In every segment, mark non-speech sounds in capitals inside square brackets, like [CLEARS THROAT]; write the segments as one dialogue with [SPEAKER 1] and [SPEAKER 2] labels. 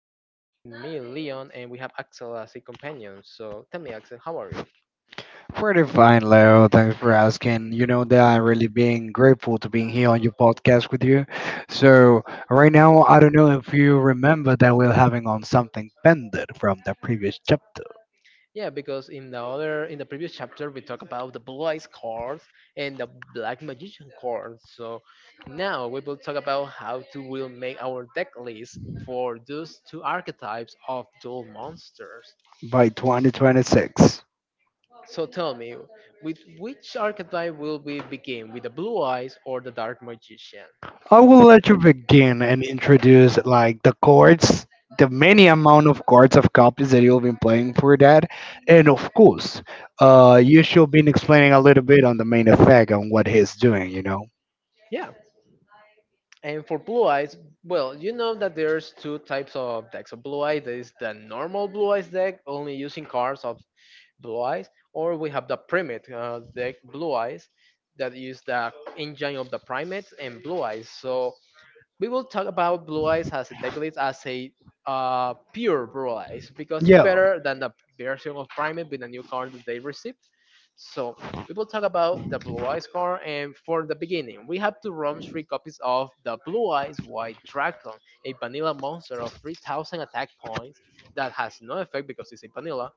[SPEAKER 1] And with me, Leon, and we have Axel as a companion. So tell me, Axel, how are you?
[SPEAKER 2] Pretty fine, Leo. Thanks for asking. You know that I'm really being grateful to being here on your podcast with you. So right now, I don't know if you remember that we're having on something pending from the previous chapter
[SPEAKER 1] Yeah, because in the previous chapter, we talked about the blue eyes cards and the black magician cards. So now we will talk about how to will make our deck list for those two archetypes of dual monsters.
[SPEAKER 2] by 2026.
[SPEAKER 1] So tell me, with which archetype will we begin? With the blue eyes or the dark magician?
[SPEAKER 2] I will let you begin and introduce like the chords, the many amount of chords of copies that you'll be playing for that, and of course, you should be explaining a little bit on the main effect and what he's doing. You know.
[SPEAKER 1] Yeah. And for blue eyes, well, you know that there's two types of decks of blue eyes. There is the normal blue eyes deck, only using cards of blue eyes, or we have the primate deck blue eyes that use the engine of the primates and blue eyes. So we will talk about blue eyes as a deck list as a pure blue eyes because it's
[SPEAKER 2] Yeah.
[SPEAKER 1] better than the version of primate with a new card that they receive. So we will talk about the Blue Eyes card. And for the beginning, we have to run three copies of the Blue Eyes White Dragon, a vanilla monster of 3,000 attack points that has no effect because it's a vanilla.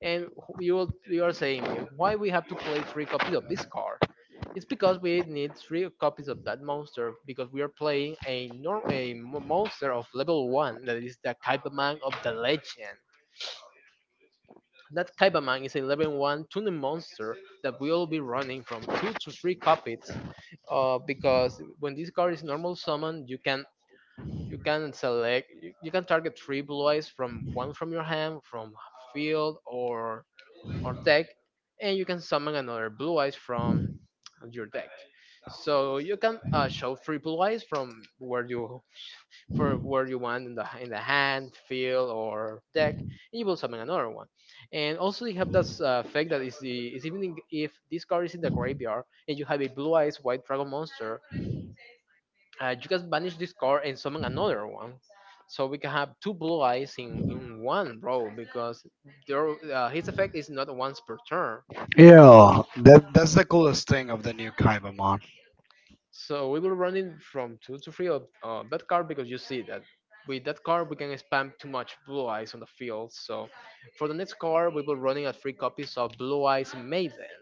[SPEAKER 1] And you are saying me why we have to play three copies of this card? It's because we need three copies of that monster because we are playing a nor- a mo- monster of level one that is the Kaiba Man of the legend. That Kaibaman is a level 1 tuning monster that will be running from 2 to 3 copies. Because when this card is normal summoned, you can select you, you can target 3 blue eyes from your hand, from field or deck, and you can summon another blue eyes from your deck. So you can show 3 blue eyes from where you for where you want in the hand, field, or deck, and you will summon another one. And also you have this effect that is the is even in- if this card is in the graveyard and you have a blue eyes white dragon monster, you can banish this card and summon another one. So we can have two blue eyes in one row because their his effect is not once per turn.
[SPEAKER 2] Yeah, that's the coolest thing of the new Kaibamon.
[SPEAKER 1] So we were running from two to three of that card because you see that with that card we can spam too much blue eyes on the field. So for the next card we were running at three copies of Blue Eyes Maiden.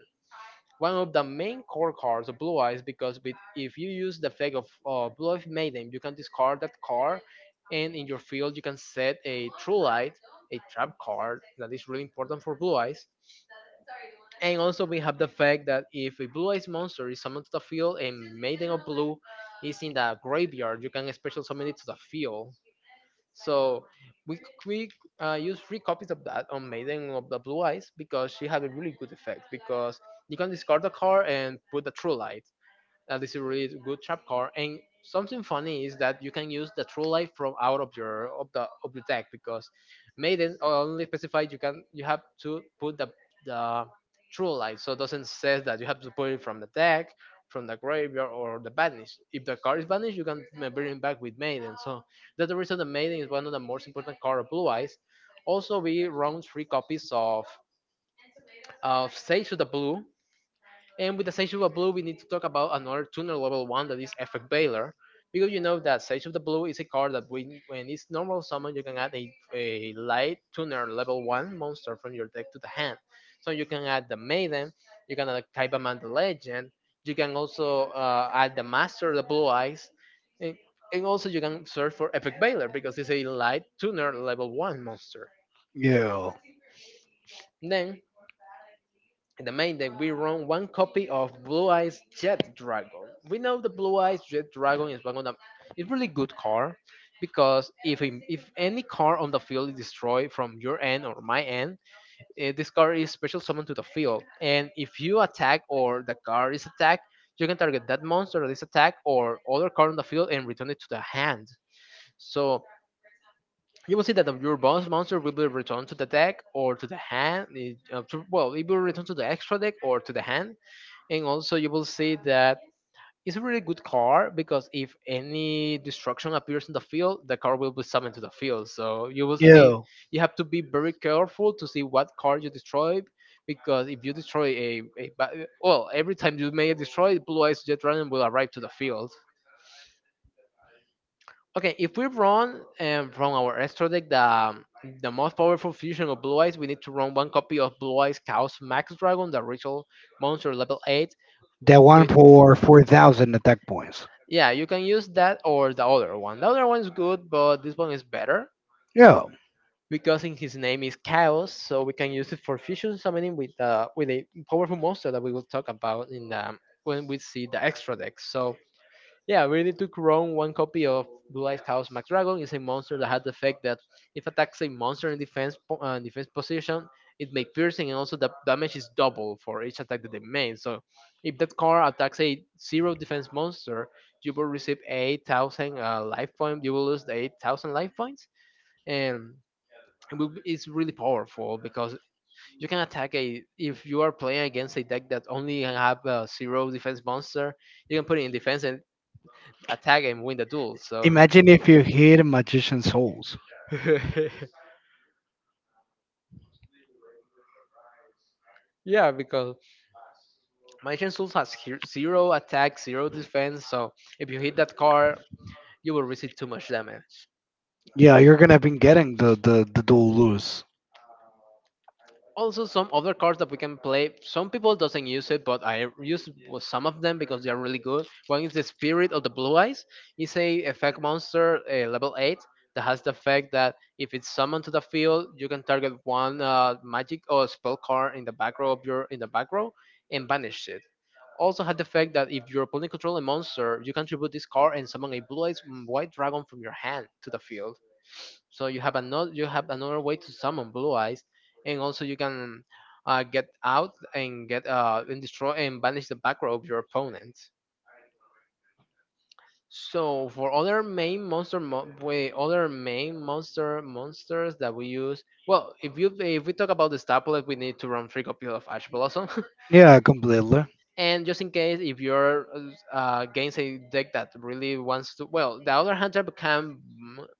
[SPEAKER 1] One of the main core cards of Blue Eyes because if you use the effect of Blue Eyes Maiden you can discard that card and in your field you can set a True Light, a trap card that is really important for Blue Eyes, and also we have the fact that if a blue eyes monster is summoned to the field and Maiden of Blue is in the graveyard, you can special summon it to the field. So we we use three copies of that on Maiden of the Blue Eyes because she had a really good effect because you can discard a card and put the True Light. This is really good trap card. And something funny is that you can use the true life from out of your of your deck because maiden only specified you can you have to put the true life. So it doesn't says that you have to put it from the deck, from the graveyard or the banish. If the card is banished, you can bring it back with maiden. So that's the reason the maiden is one of the most important card of blue eyes. Also, we round three copies of Sage of the Blue. And with the Sage of the Blue, we need to talk about another tuner level one that is Effect Baylor. Because you know that Sage of the Blue is a card that when it's normal summon, you can add a light tuner level one monster from your deck to the hand. So you can add the Maiden, you can add Kaibaman the Legend, you can also add the Master of the Blue Eyes, and, and also you can search for Epic Baylor because it's a light tuner level one monster.
[SPEAKER 2] Yeah.
[SPEAKER 1] Then, in the main deck, we run one copy of Blue Eyes Jet Dragon. We know the Blue Eyes Jet Dragon is one of the it's really good card because if any card on the field is destroyed from your end or my end, this card is special summoned to the field. And if you attack or the card is attacked, you can target that monster that is attacked or other card on the field and return it to the hand. So you will see that your boss monster will be returned to the deck or to the hand. It will return to the extra deck or to the hand. And also you will see that it's a really good card because if any destruction appears in the field, the card will be summoned to the field. So you will see
[SPEAKER 2] Yeah.
[SPEAKER 1] you have to be very careful to see what card you destroy, because if you destroy well every time you may destroy, blue eyes jet dragon will arrive to the field. Okay, if we run from our extra deck the most powerful fusion of Blue Eyes, we need to run one copy of Blue Eyes Chaos Max Dragon, the ritual monster level 8.
[SPEAKER 2] That one
[SPEAKER 1] With,
[SPEAKER 2] for 4,000 attack points.
[SPEAKER 1] yeah, you can use that or the other one. The other one is good, but this one is better
[SPEAKER 2] Yeah.
[SPEAKER 1] because in his name is Chaos, so we can use it for fusion summoning with a powerful monster that we will talk about when we see the extra deck. So, yeah, we need to clone one copy of Blue Eyes House Dragon. It's a monster that has the effect that if attacks a monster in defense defense position, it makes piercing and also the damage is double for each attack that they make. So if that card attacks a zero defense monster, you will receive 8,000 life points. You will lose the 8,000 life points. And it's really powerful because you can attack a if you are playing against a deck that only have a zero defense monster, you can put it in defense and attack and win the duel. So
[SPEAKER 2] Imagine
[SPEAKER 1] [LAUGHS]
[SPEAKER 2] if you hit Magician Souls.
[SPEAKER 1] yeah, because my Souls has zero attack, zero defense. So if you hit that card, you will receive too much damage.
[SPEAKER 2] Yeah, you're gonna be getting the dual lose.
[SPEAKER 1] Also, some other cards that we can play, some people doesn't use it, but I use some of them because they are really good. One is the Spirit of the Blue Eyes. It's a effect monster level 8 that has the effect that if it's summoned to the field, you can target one magic or spell card in the back row of your in the back row and banish it. Also had the effect that if your opponent controls a monster, you can tribute this card and summon a blue eyes white dragon from your hand to the field. So you have another way to summon blue eyes, and also you can get out and get and destroy and banish the back row of your opponent. So for other main monster mo- way other main monster monsters that we use, well, if we talk about the Starplet, we need to run free copy of Ash Blossom.
[SPEAKER 2] Yeah, completely.
[SPEAKER 1] [LAUGHS] And just in case if you're against a deck that really wants to, well, the other hunter can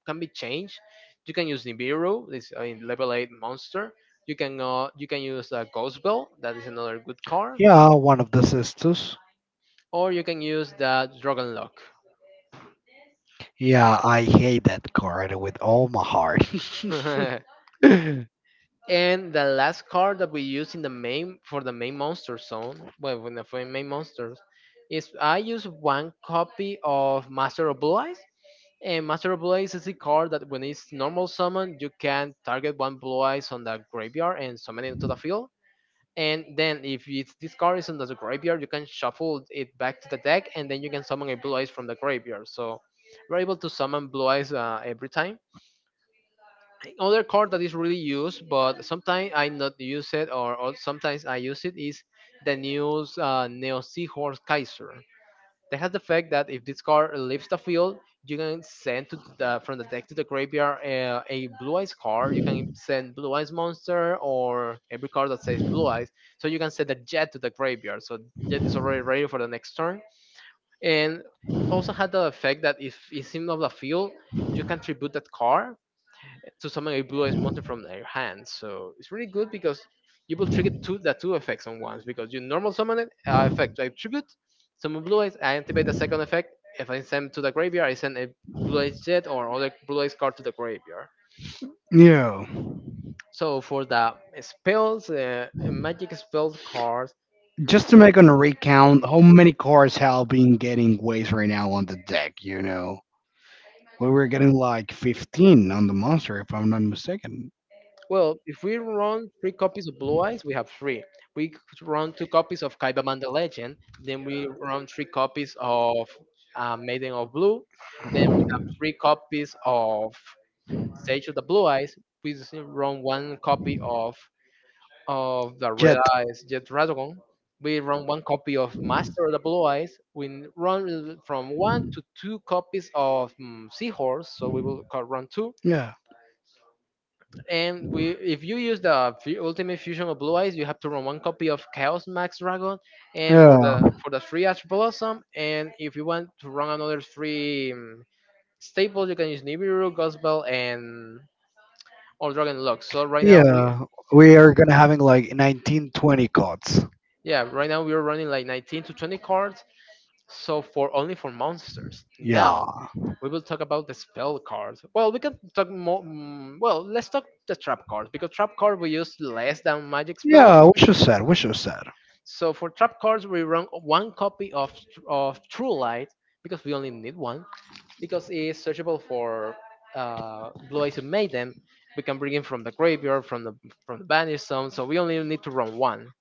[SPEAKER 1] can be changed. You can use Nibiru, this level eight monster. You can use a Ghost Bell, that is another good car,
[SPEAKER 2] Yeah, one of the sisters.
[SPEAKER 1] or you can use the Dragon Lock.
[SPEAKER 2] Yeah, I hate that card with all my heart.
[SPEAKER 1] [LAUGHS] And the last card that we use in the main for the main monster zone, well, when the main monsters, is I use one copy of Master of Blue Eyes. And Master of Blue Eyes is a card that when it's normal summon, you can target one Blue Eyes on the graveyard and summon it to the field. And then if it's this card is on the graveyard, you can shuffle it back to the deck, and then you can summon a blue eyes from the graveyard. So we're able to summon blue eyes every time. Another card that is really used, but sometimes I not use it, or sometimes I use it, is the new Neo Seahorse Kaiser. That has the fact that if this card leaves the field, you can send to the from the deck to the graveyard a blue eyes card. You can send blue eyes monster or every card that says blue eyes. So you can send a jet to the graveyard. So jet is already ready for the next turn. And also had the effect that if it's in of the field, you can tribute that card to summon a blue ice mountain from their hand. So it's really good because you will trigger two effects on once because you normal summon it, effect I tribute, summon blue eyes, I activate the second effect. If I send to the graveyard, I send a blue eyes jet or other blue eyes card to the graveyard.
[SPEAKER 2] [LAUGHS] Yeah.
[SPEAKER 1] So for the spells, magic spells cards. Mhm.
[SPEAKER 2] Just to make on a recount, how many cards have been getting waste right now on the deck, you know? We were getting like 15 on the monster, if I'm not mistaken.
[SPEAKER 1] Well, if we run three copies of Blue Eyes, we have three. We could run two copies of Kaibaman the Legend, then we run three copies of Maiden of Blue, then we have three copies of Sage of the Blue Eyes. We just run one copy of the Red
[SPEAKER 2] Jet.
[SPEAKER 1] Eyes Jet Dragon. We run one copy of Master of the Blue Eyes. We run from one to two copies of Seahorse, so we will run two,
[SPEAKER 2] Yeah.
[SPEAKER 1] and if you use the ultimate fusion of Blue Eyes, you have to run one copy of Chaos Max Dragon, and for
[SPEAKER 2] Yeah.
[SPEAKER 1] the three Astro Blossom. And if you want to run another three staples, you can use Nibiru, Gospel, and or Dragon Lock.
[SPEAKER 2] Yeah. We are gonna having like 19, 20 cards.
[SPEAKER 1] Yeah, right now we are running like 19 to 20 cards. So for only for monsters.
[SPEAKER 2] Yeah.
[SPEAKER 1] Now we will talk about the spell cards. Well, we can talk more. Well, let's talk the trap cards because trap card we use less than magic spells.
[SPEAKER 2] Yeah, which is sad, which is sad.
[SPEAKER 1] So for trap cards, we run one copy of True Light because we only need one because it's searchable for Blue Eyes Maiden. We can bring it from the graveyard, from the banished zone. So we only need to run one.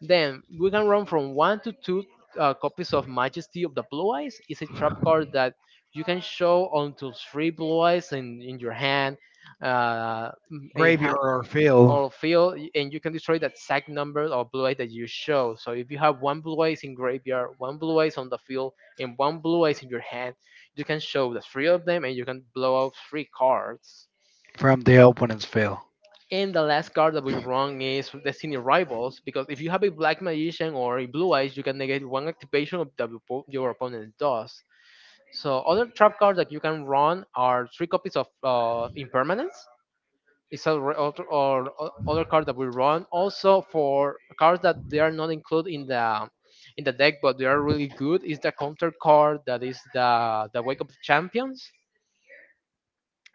[SPEAKER 1] Then we can run from one to two copies of Majesty of the Blue Eyes. It's a trap card that you can show onto three Blue Eyes in your hand. Uh, m- eh, ha-
[SPEAKER 2] Graveyard or field.
[SPEAKER 1] on field and you can destroy that exact number of blue eyes that you show. So if you have one blue eyes in graveyard, one blue eyes on the field, and one blue eyes in your hand, you can show the three of them and you can blow out three cards.
[SPEAKER 2] From the opponent's field.
[SPEAKER 1] And the last card that we run is Destiny Rivals, because if you have a black magician or a blue eyes, you can negate one activation of the your opponent does. So other trap cards that you can run are three copies of Impermanence. It's a other card that we run. Also, for cards that they are not included in the deck, but they are really good, is the counter card that is the Wake Up Champions.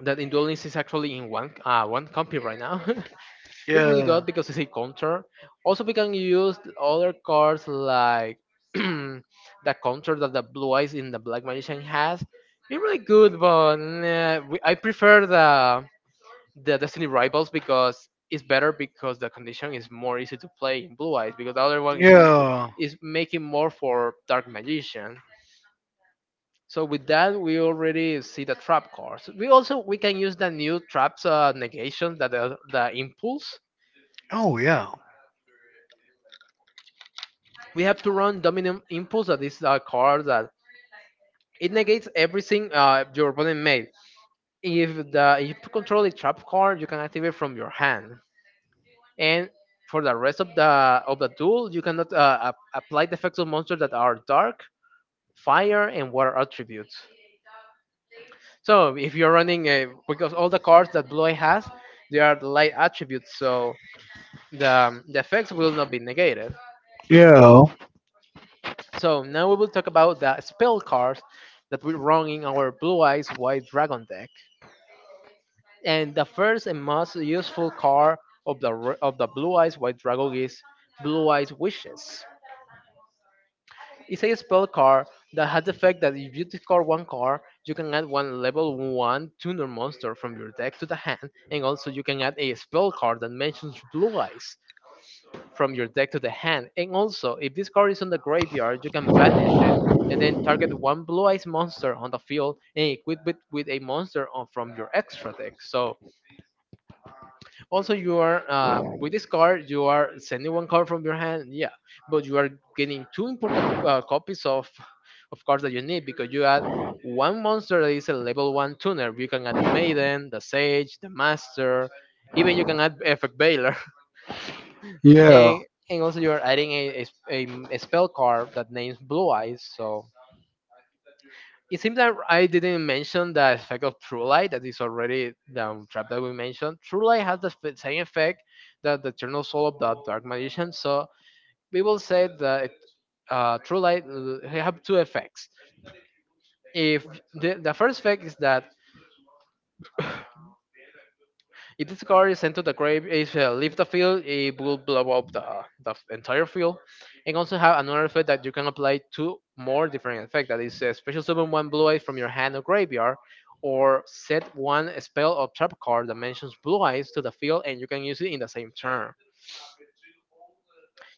[SPEAKER 1] That in Duel Links is actually in one one copy right now. [LAUGHS] It's really good
[SPEAKER 2] Yeah.
[SPEAKER 1] because it's a counter. Also, we can use other cards like [CLEARS THROAT] that counter that the blue eyes in the black magician has be really good, but nah, I prefer the destiny rivals because it's better because the condition is more easy to play in blue eyes because the other one is
[SPEAKER 2] Yeah.
[SPEAKER 1] is making more for dark magician. So with that we already see the trap cards. We also we can use the new traps negation that the impulse.
[SPEAKER 2] Oh yeah.
[SPEAKER 1] We have to run dominant impulse, that is a card that it negates everything your opponent made. If the if you control the trap card, you can activate from your hand, and for the rest of the duel, you cannot apply the effects of monsters that are dark, fire, and water attributes. So if you're running a because all the cards that Bloy has, they are light attributes, so the effects will not be negated.
[SPEAKER 2] Yeah,
[SPEAKER 1] So now we will talk about the spell cards that we run in our Blue Eyes White Dragon deck. And the first and most useful card of the of the Blue Eyes White Dragon is Blue Eyes Wishes. It's a spell card that has the effect that if you discard one card, you can add one level 1 tuner monster from your deck to the hand, and also you can add a spell card that mentions Blue Eyes from your deck to the hand. And also, if this card is on the graveyard, you can banish it and then target one Blue Eyes monster on the field and equip it with a monster from your extra deck. So also you are with this card you are sending one card from your hand, yeah, but you are getting two important copies of cards that you need because you add one monster that is a level one tuner. You can add the maiden, the sage, the master, even you can add effect Baylor. [LAUGHS]
[SPEAKER 2] yeah.
[SPEAKER 1] And also you are adding a, s- a m- a spell card that names blue eyes. So it seems that I didn't mention the effect of True Light that is already the trap that we mentioned. True Light has the same effect that the Eternal Soul of the Dark Magician. So we will say that True Light have two effects. If the first effect is that [LAUGHS] if this car is sent to the grave, if leave the field, it will blow up entire field. And also have another effect that you can apply to more different effects. That is a special summon one blue eyes from your hand or graveyard, or set one spell or trap card that mentions blue eyes to the field, and you can use it in the same turn.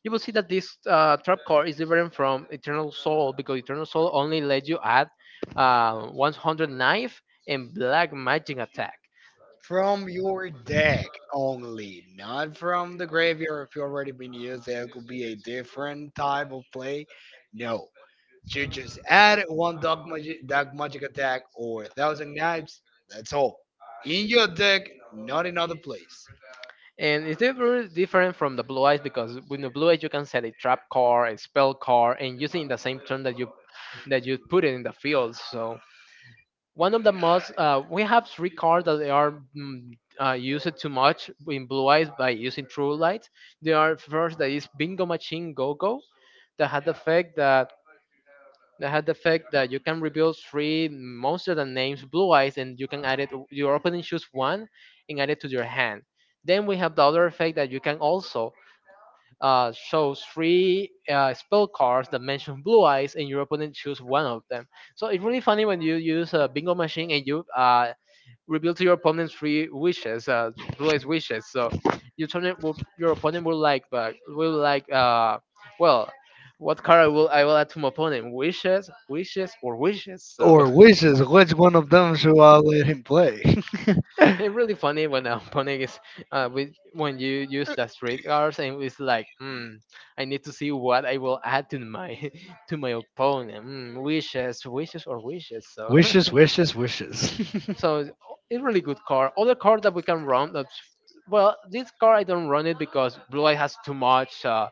[SPEAKER 1] You will see that this trap card is different from Eternal Soul because Eternal Soul only lets you add 100 knife and black magic attack.
[SPEAKER 2] From your deck only, not from the graveyard. If you already been used, that could be a different type of play. No, you just add one dark magic attack or a thousand knives. That's all in your deck, not in other place.
[SPEAKER 1] And it's different from the blue eyes because with the blue eyes you can set a trap card, a spell card, and using the same turn that you put it in the field. So one of the most we have three cards that they are used too much in blue eyes by using true light. They are first that is Bingo Machine Go Go that had the effect that you can reveal three monsters that names blue eyes and you can add it, your opponent choose one and add it to your hand. Then we have the other effect that you can also shows three spell cards that mention blue eyes, and your opponent choose one of them. So it's really funny when you use a bingo machine and you reveal to your opponent three wishes, blue eyes wishes. So your opponent will like, but will like, well, what card I will add to my opponent? Wishes, wishes, or wishes. So.
[SPEAKER 2] Or
[SPEAKER 1] [LAUGHS]
[SPEAKER 2] wishes, which one of them should I let him play? [LAUGHS]
[SPEAKER 1] It's really funny when a opponent is with when you use the street cars and it's like, I need to see what I will add to my [LAUGHS] to my opponent, wishes, wishes, or wishes. So
[SPEAKER 2] Wishes, wishes, wishes.
[SPEAKER 1] [LAUGHS]
[SPEAKER 2] [LAUGHS]
[SPEAKER 1] so it's really good car. Other car that we can run. This car I don't run it because Blue Light has too much uh,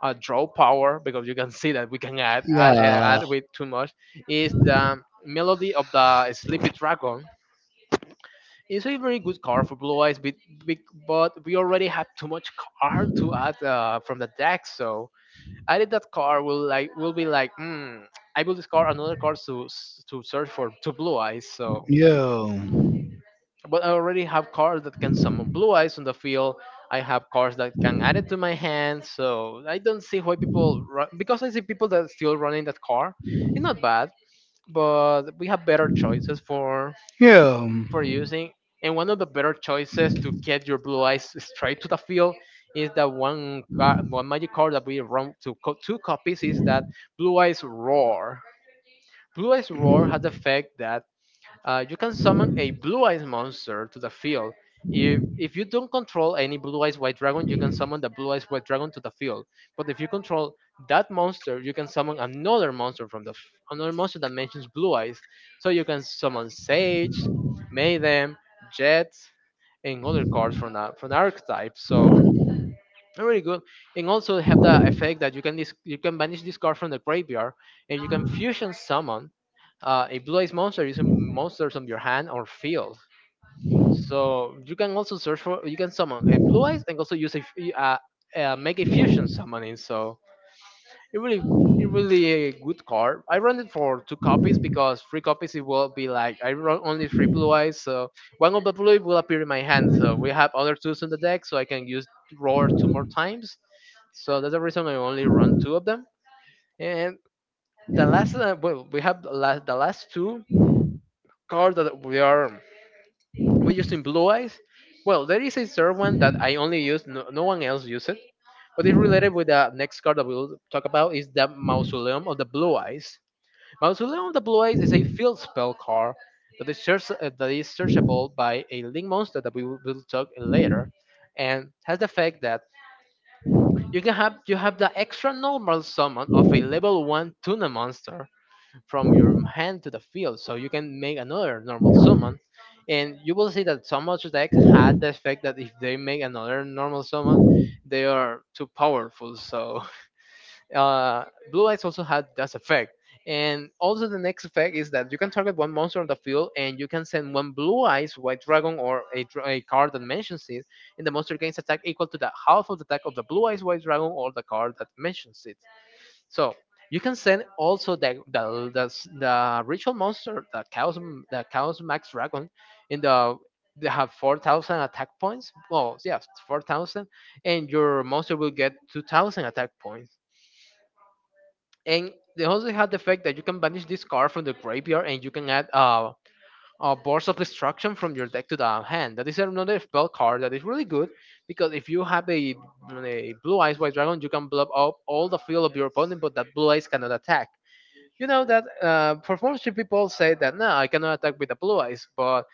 [SPEAKER 1] uh, draw power because you can see that we can
[SPEAKER 2] Yeah,
[SPEAKER 1] add with too much. Is the melody of the Sleepy Dragon. It's a very good car for Blue Eyes, but we already have too much car to add from the deck. So added that car will be like, hmm, I will discard another card to search for to Blue Eyes. So
[SPEAKER 2] yeah,
[SPEAKER 1] but I already have cars that can summon blue eyes on the field. I have cars that can add it to my hand. So I don't see why people run. Because I see people that still running that car. It's not bad, but we have better choices
[SPEAKER 2] yeah.
[SPEAKER 1] for using. And one of the better choices to get your blue eyes straight to the field is that one one magic card that we run to two copies is that blue eyes roar. Blue eyes roar has the effect that you can summon a blue eyes monster to the field. If you don't control any blue eyes white dragon, you can summon the blue eyes white dragon to the field. But if you control that monster, you can summon another monster another monster that mentions blue eyes. So you can summon Sage, Maiden, Jet, and other cards from the archetype. So they're really good, and also have the effect that you can banish this card from the graveyard, and you can fusion summon a blue eyes monster using monsters on your hand or field. So you can also search for you can summon a blue eyes and also make a fusion summoning. So it really it really a good card. I run it for two copies because three copies it will be like I run only three blue eyes, so one of the blue will appear in my hand. So we have other twos in the deck, so I can use roar two more times. So that's the reason I only run two of them. And the last well we have the last two car that we used in Blue Eyes. Well, there is a third one that I only use. No, no one else use it. But it's related with the next card that we'll talk about is the Mausoleum of the Blue Eyes. Mausoleum of the Blue Eyes is a field spell card that that is searchable by a link monster that we will talk later, and has the effect that you have the extra normal summon of a level one tuna monster from your hand to the field so you can make another normal summon, and you will see that some other deck had the effect that if they make another normal summon they are too powerful. So [LAUGHS] uh, blue lights also had that effect. And also the next effect is that you can target one monster on the field and you can send one blue eyes white dragon or a card that mentions it, and the monster gains attack equal to the half of the attack of the blue eyes white dragon or the card that mentions it. So you can send also the ritual monster, the chaos max dragon in the they have 4,000 attack points. Well, yes, 4,000, and your monster will get 2,000 attack points. And they also have the fact that you can banish this card from the graveyard and you can add a Burst of Destruction from your deck to the hand. That is another spell card that is really good because if you have a Blue Eyes White Dragon, you can block up all the field of your opponent, but that Blue Eyes cannot attack. You know that performance people say that no, I cannot attack with the Blue Eyes, but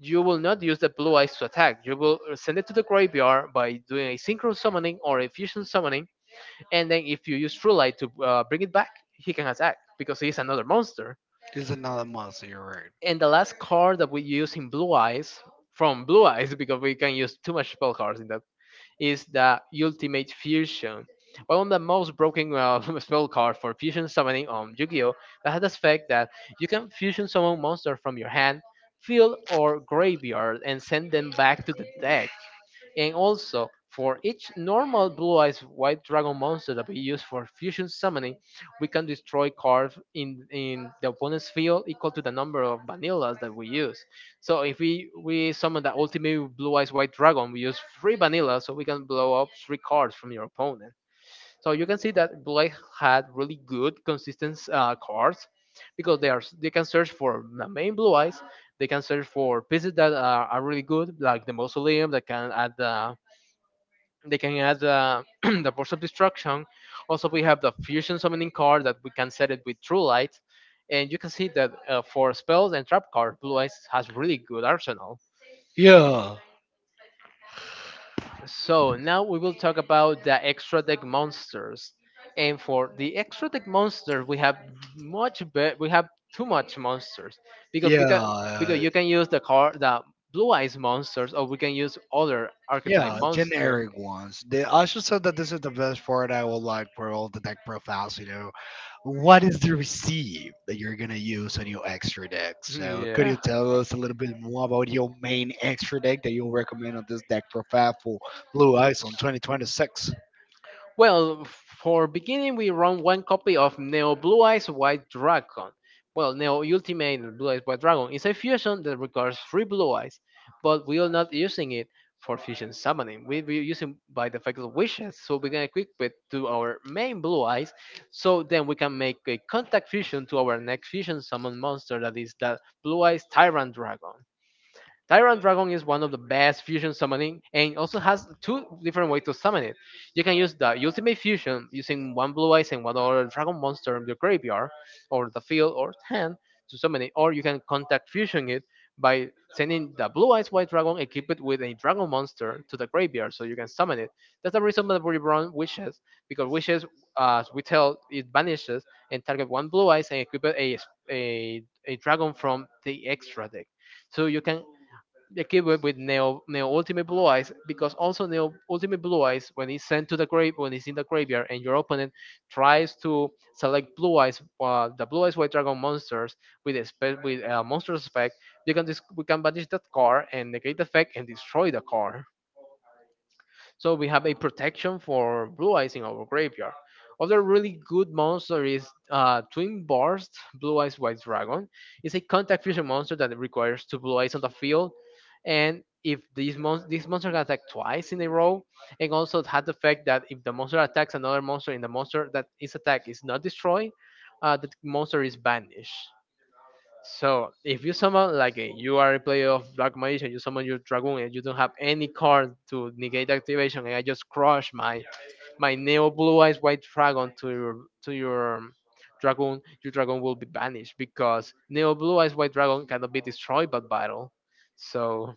[SPEAKER 1] you will not use the Blue Eyes to attack. You will send it to the graveyard by doing a Synchro Summoning or a Fusion Summoning, and then if you use True Light to bring it back, he can attack because he's another monster.
[SPEAKER 2] It's another monster, you're right.
[SPEAKER 1] And the last card that we use in Blue Eyes from Blue Eyes [LAUGHS] because we can use too much spell cards in that is the Ultimate Fusion, one of the most broken [LAUGHS] spell cards for fusion summoning on Yu-Gi-Oh! That has the effect that you can fusion summon monsters from your hand, field, or graveyard and send them back to the deck. And also, for each normal blue eyes white dragon monster that we use for fusion summoning, we can destroy cards in the opponent's field equal to the number of vanillas that we use. So if we summon the ultimate blue eyes white dragon, we use three vanilla so we can blow up three cards from your opponent. So you can see that Blake had really good consistent cards because they can search for the main blue eyes. They can search for pieces that are really good, like the mausoleum that can add the they can add [CLEARS THROAT] the force of destruction. Also, we have the fusion summoning card that we can set it with True Light, and you can see that for spells and trap cards, Blue Eyes has really good arsenal.
[SPEAKER 2] Yeah,
[SPEAKER 1] So now we will talk about the extra deck monsters. And for the extra deck monsters, we have we have too much monsters because
[SPEAKER 2] yeah,
[SPEAKER 1] because because you can use the car the blue eyes monsters or we can use other archetype
[SPEAKER 2] yeah.
[SPEAKER 1] monster.
[SPEAKER 2] Generic ones. I should say that this is the best part I will like for all the deck profiles, you know. What is the receipt that you're gonna use on your extra deck?
[SPEAKER 1] [LAUGHS]
[SPEAKER 2] So could you
[SPEAKER 1] Yeah.
[SPEAKER 2] tell us a little bit more about your main extra deck that you'll recommend on this deck profile for Blue Eyes on 2026?
[SPEAKER 1] Well, for beginning, we run one copy of Neo Blue Eyes White Dragon. Well, Neo Ultimate Blue Eyes White Dragon is a fusion that requires three Blue Eyes, but we are not using it for fusion summoning. We using by the fact of wishes, so we can equip it to our main Blue Eyes, so then we can make a contact fusion to our next fusion summon monster that is the Blue Eyes Tyrant Dragon. Tyrant Dragon is one of the best fusion summoning and also has two different ways to summon it. You can use the ultimate fusion using one blue eyes and one other dragon monster in your graveyard or the field or hand to summon it, or you can contact fusion it by sending the blue eyes white dragon and keep it with a dragon monster to the graveyard so you can summon it. That's the reason that Reborn wishes, because wishes, as we tell, it vanishes and target one blue eyes and equip it a dragon from the extra deck so you can equipped with Neo Ultimate Blue Eyes because also Neo Ultimate Blue Eyes when he's sent to the grave when he's in the graveyard and your opponent tries to select Blue Eyes the Blue Eyes White Dragon monsters with a monster's effect. We can banish that card and negate the effect and destroy the card. So we have a protection for blue eyes in our graveyard. Other really good monster is Twin Burst, Blue Eyes White Dragon. It's a contact fusion monster that requires two blue eyes on the field. And if this monster can attack twice in a row, and also it had the fact that if the monster attacks another monster in the monster that its attack is not destroyed, the monster is banished. So if you summon you are a player of Black Magician, you summon your dragoon and you don't have any card to negate activation, and I just crush my neo blue eyes white dragon to your dragoon, your dragon will be banished because neo blue eyes white dragon cannot be destroyed by battle. So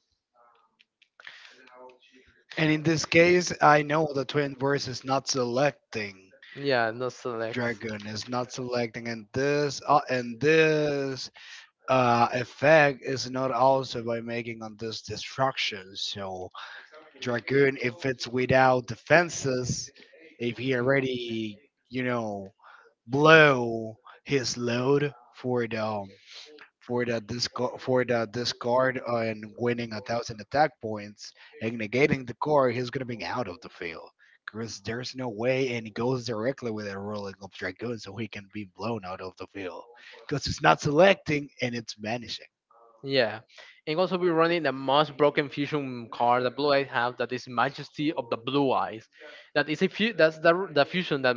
[SPEAKER 2] And in this case, I know the Twin Verse is not selecting
[SPEAKER 1] yeah, no select.
[SPEAKER 2] Dragon, is not selecting and this, effect is not also by making on this destruction. So Dragoon, if it's without defenses, if he already you know blow his load for the for the discard and winning a thousand attack points and negating the card, he's gonna be out of the field. Cause there's no way, and he goes directly with a rolling of dragoon, so he can be blown out of the field. Cause it's not selecting and it's vanishing
[SPEAKER 1] Yeah, and also we're running the most broken fusion card that Blue Eyes have. That is Majesty of the Blue Eyes. That is a few. That's the fusion that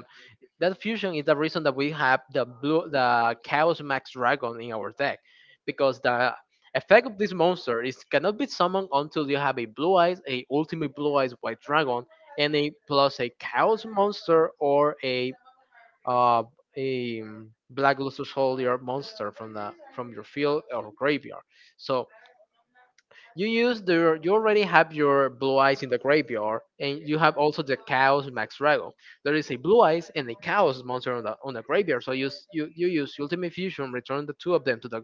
[SPEAKER 1] that fusion is the reason that we have the Chaos Max Dragon in our deck, because the effect of this monster is cannot be summoned until you have a Blue Eyes, a Ultimate Blue Eyes White Dragon, and a plus a Chaos Monster or uh, a black lustrous soldier monster from the from your field or graveyard. So you use the you already have your blue eyes in the graveyard, and you have also the chaos max dragon. There is a blue eyes and a chaos monster on the graveyard. So you use ultimate fusion, return the two of them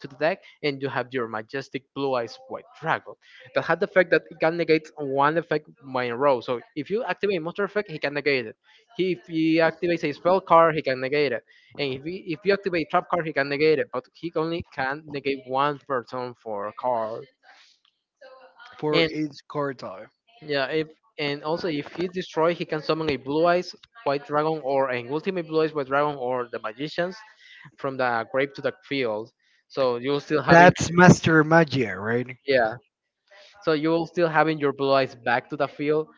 [SPEAKER 1] to the deck, and you have your majestic blue-eyes white dragon that has the effect that it can negate one effect by in a row. So if you activate a monster effect, he can negate it. If he activates a spell card, he can negate it, and if you activate trap card, he can negate it. But he only can negate one person for a card.
[SPEAKER 2] for
[SPEAKER 1] And
[SPEAKER 2] each card type.
[SPEAKER 1] yeah, if and also if he destroys, he can summon a blue eyes white dragon or an ultimate blue eyes white dragon or the magicians from the grave to the field. So you'll still have,
[SPEAKER 2] That's Master Magia, right?
[SPEAKER 1] yeah, so you will still having your blue eyes back to the field.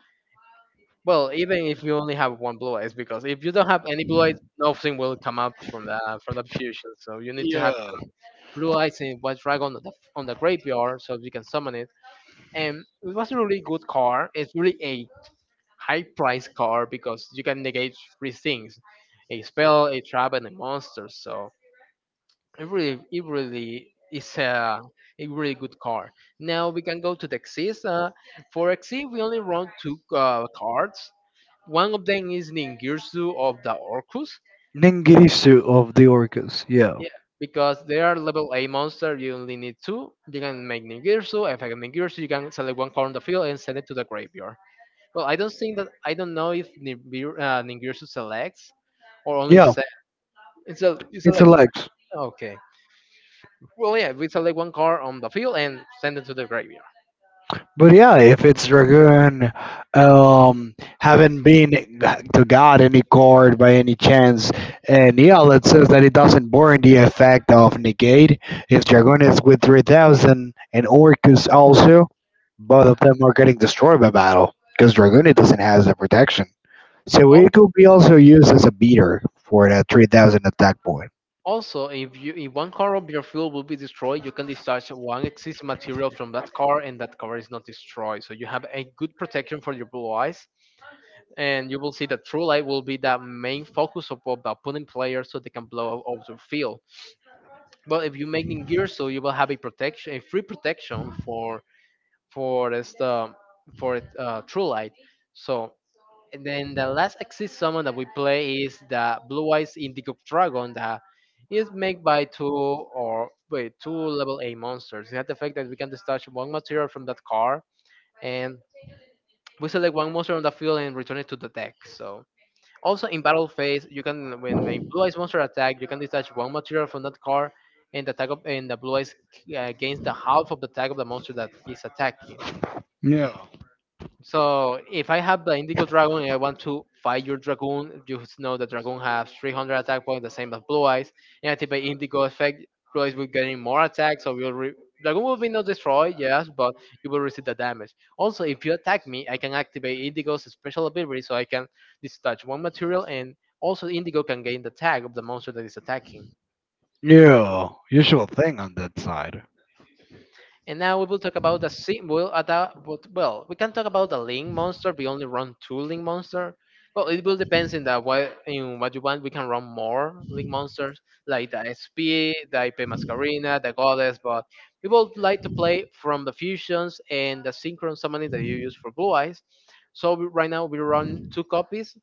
[SPEAKER 1] Well, even if you only have one blue eyes, because if you don't have any blue eyes, nothing will come up from the fusion. So you need to have
[SPEAKER 2] Yeah.
[SPEAKER 1] blue eyes in White Dragon on the graveyard so you can summon it. And it was a really good card. It's really a high price card because you can negate three things: a spell, a trap, and a monster. So it really is a really good car. Now we can go to the XYZ. For XYZ we only run two cards. One of them is Ningirsu of the Orcus.
[SPEAKER 2] Ningirisu of the Orcas. Yeah.
[SPEAKER 1] Yeah, Because they are level A monster. You only need two. You can make Ningirsu. If I can Ningirsu, you can select one card on the field and send it to the graveyard. I don't know if Ningirsu selects or only
[SPEAKER 2] Yeah.
[SPEAKER 1] se- it
[SPEAKER 2] It's a
[SPEAKER 1] selects.
[SPEAKER 2] leg.
[SPEAKER 1] Right, okay. Well, we select one card on the field and send it to the graveyard.
[SPEAKER 2] But yeah, if it's Dragoon, um, haven't been to God any chord by any chance, and yeah, let's say that it doesn't burn the effect of negate. If Dragoon is with 3,000 and Orcus also, both of them are getting destroyed by battle because Dragoon doesn't have the protection. So
[SPEAKER 1] Al-
[SPEAKER 2] it could be also used as a beater for that 3,000 attack point.
[SPEAKER 1] Also, if you if one car of your fuel will be destroyed, you can discharge one existing material from that car, and that car is not destroyed. So you have a good protection for your blue eyes, and you will see that true light will be the main focus of the opponent player, so they can blow up the field. But if you make in gear, so you will have a protection, a free protection for this the for True Light. So and then the last exit summon that we play is the Blue Eyes Indigo Dragon that is made by two, or wait, two level A monsters. It has the effect that we can discharge one material from that card and we select one monster on the field and return it to the deck. So also in battle phase, you can, when a blue eyes monster attack, you can detach one material from that card, and the blue eyes gains the half of the attack of the monster that is attacking.
[SPEAKER 2] Yeah,
[SPEAKER 1] So if I have the Indigo Dragon and I want to fight your Dragoon, you just know the Dragoon has 300 attack points, the same as Blue Eyes. And activate Indigo effect, Blue Eyes will getting more attacks, so Dragoon will be not destroyed, yes, but you will receive the damage. Also, if you attack me, I can activate Indigo's special ability, so I can discharge one material, and also Indigo can gain the tag of the monster that is attacking.
[SPEAKER 2] yeah, usual thing on that side.
[SPEAKER 1] And now we will talk about the symbol. At the, but, well, We can talk about the link monster. We only run two link monster. Well, it will depends in the what in what you want. We can run more link monsters like the SP, the IP Mascarina, the Goddess. But we would like to play from the fusions and the synchron summoning that you use for Blue Eyes. So right now we run two copies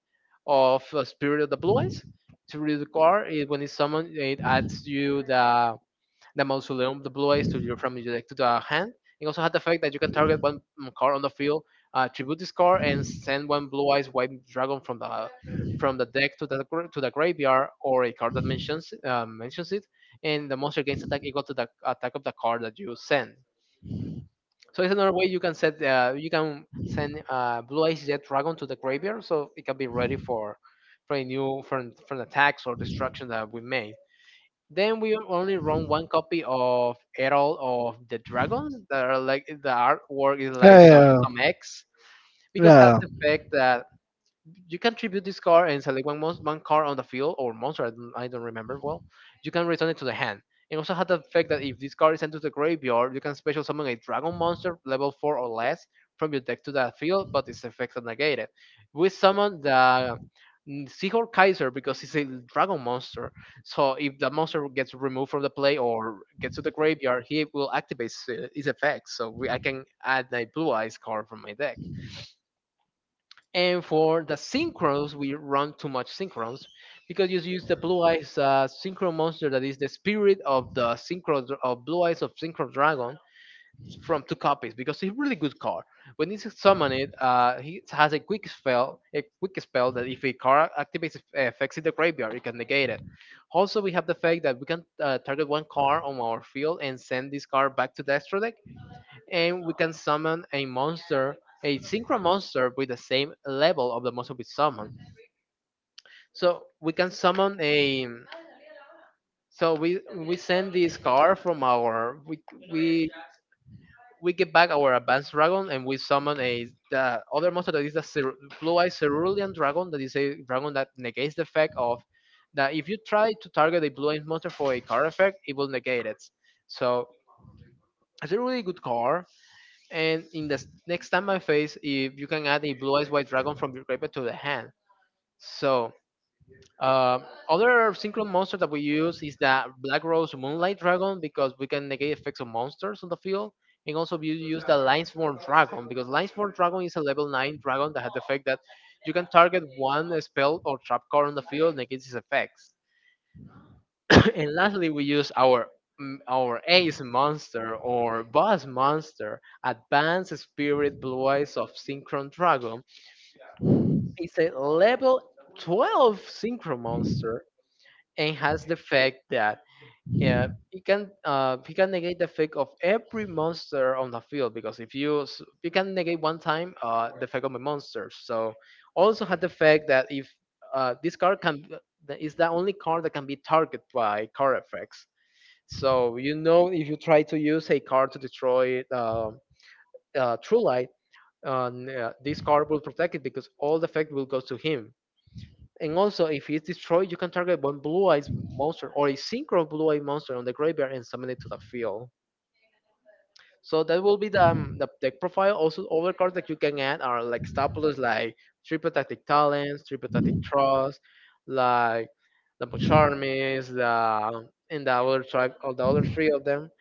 [SPEAKER 1] of Spirit of the Blue Eyes. To read the card, it, when it's summoned, it adds you the mausoleum, the blue eyes to your, from your deck to the hand. It also had the fact that you can target one card on the field, tribute this card, and send one blue eyes white dragon from the deck to to the graveyard, or a card that mentions mentions it, and the monster gains attack equal to the attack of the card that you send. So it's another way you can set you can send blue eyes jet dragon to the graveyard, so it can be ready for for an attacks or destruction that we made. Then we only run one copy of Herald of the Dragons that are like the artwork is like some
[SPEAKER 2] Yeah.
[SPEAKER 1] some X because has
[SPEAKER 2] Yeah.
[SPEAKER 1] the effect that you can tribute this card and select one card on the field or monster. I don't remember well. You can return it to the hand. It also had the effect that if this card is sent to the graveyard, you can special summon a dragon monster level 4 or less from your deck to the field, but its effects are negated. We summon the Seahorn Kaiser because it's a dragon monster. So if the monster gets removed from the play or gets to the graveyard, he will activate his effects. So I can add a blue eyes card from my deck. And for the synchros, we run too much synchros because you use the blue eyes synchro monster that is the spirit of blue eyes of synchro dragon from two copies because it's a really good card. When it's summoned, it he has a quick spell that if a card activates its effects in the graveyard, it can negate it. Also, we have the fact that we can target one card on our field and send this card back to the extra deck and we can summon a monster, a synchro monster with the same level of the monster we summon. So we can summon a. So we send this card from our we we get back our advanced dragon and we summon a the other monster that is blue eyed cerulean dragon that is a dragon that negates the effect of that if you try to target a blue eyed monster for a card effect it will negate it. So it's a really good card. And in next time I face, if you can add a blue eyes white dragon from your graveyard to the hand. So uh, other synchro monster that we use is the Black Rose Moonlight Dragon because we can negate effects of monsters on the field. And also we use the Linesworn Dragon because Linesworn Dragon is a level 9 dragon that has the effect that you can target one spell or trap card on the field negates its effects. And lastly, we use our our Ace Monster or Boss Monster, Advanced Spirit Blue Eyes of Synchron Dragon. It's a level 12 Synchro Monster and has the effect that it can he can negate the effect of every monster on the field because if you s- you can negate one time the effect of a monster. So also had the effect that if this card can that is the only card that can be targeted by card effects. So you know, if you try to use a card to destroy True Light, this card will protect it because all the effect will go to him. And also, if it's destroyed, you can target one Blue Eyes monster or a Synchro Blue Eye monster on the graveyard and summon it to the field. So that will be the deck profile. Also, other cards that you can add are like staples like triple tactic talents, triple tactic trust, like the Charmis, the and the other tribe, or the other three of them.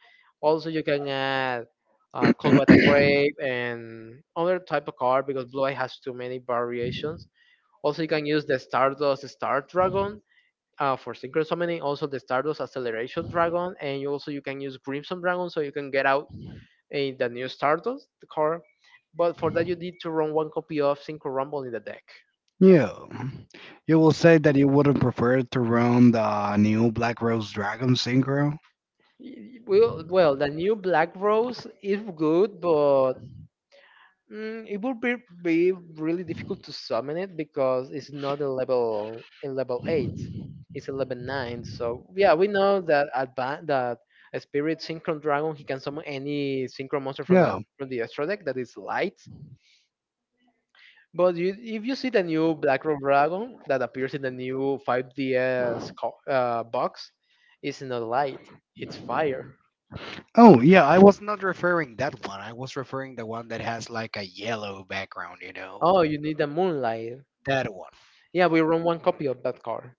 [SPEAKER 1] Also, you can add called by the Grave and other type of card because Blue Eye has too many variations. Also, you can use the Stardust Star Dragon for Synchro Summoning. Also, the Stardust Acceleration Dragon, and you also you can use Crimson Dragon, so you can get out in the new Stardust card, but for that you need to run one copy of Synchro Rumble in the deck.
[SPEAKER 2] Yeah. You will say that you would have preferred to run the new Black Rose Dragon Synchro?
[SPEAKER 1] Well, the new Black Rose is good, but mm, it would be, be really difficult to summon it because it's not a level 8, it's a level 9. So yeah, we know that advan that a Spirit Synchron Dragon he can summon any Synchro monster from
[SPEAKER 2] Yeah.
[SPEAKER 1] the extra deck that is light. But you, if you see the new Black Rock Dragon that appears in the new 5DS box, it's not light, it's fire.
[SPEAKER 2] Oh, yeah, I was not referring that one. I was referring the one that has like a yellow background, you know?
[SPEAKER 1] Oh, you need the moonlight.
[SPEAKER 2] That one.
[SPEAKER 1] Yeah, we run one copy of that card.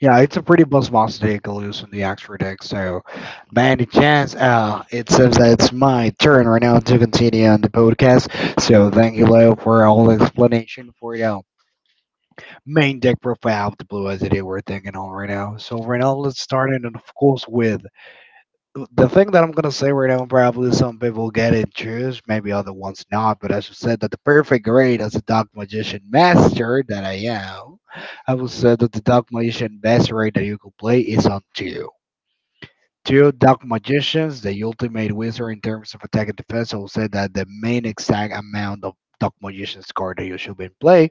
[SPEAKER 2] Yeah, it's a pretty boss monster deck loose in the extra deck, so by any chance, it seems that it's my turn right now to continue on the podcast. So thank you, Leo, for all the explanation for the main deck profile of the blue as it is we're thinking on right now. So right now let's start it, and of course with the thing that I'm gonna say right now, probably some people get it choose, maybe other ones not, but as you said that the perfect grade as a Dark Magician master that I am, I would say that the Dark Magician best rate that you could play is on two. Two Dark Magicians, the ultimate wizard in terms of attack and defense, I will say that the main exact amount of Dark Magician's card that you should be in play.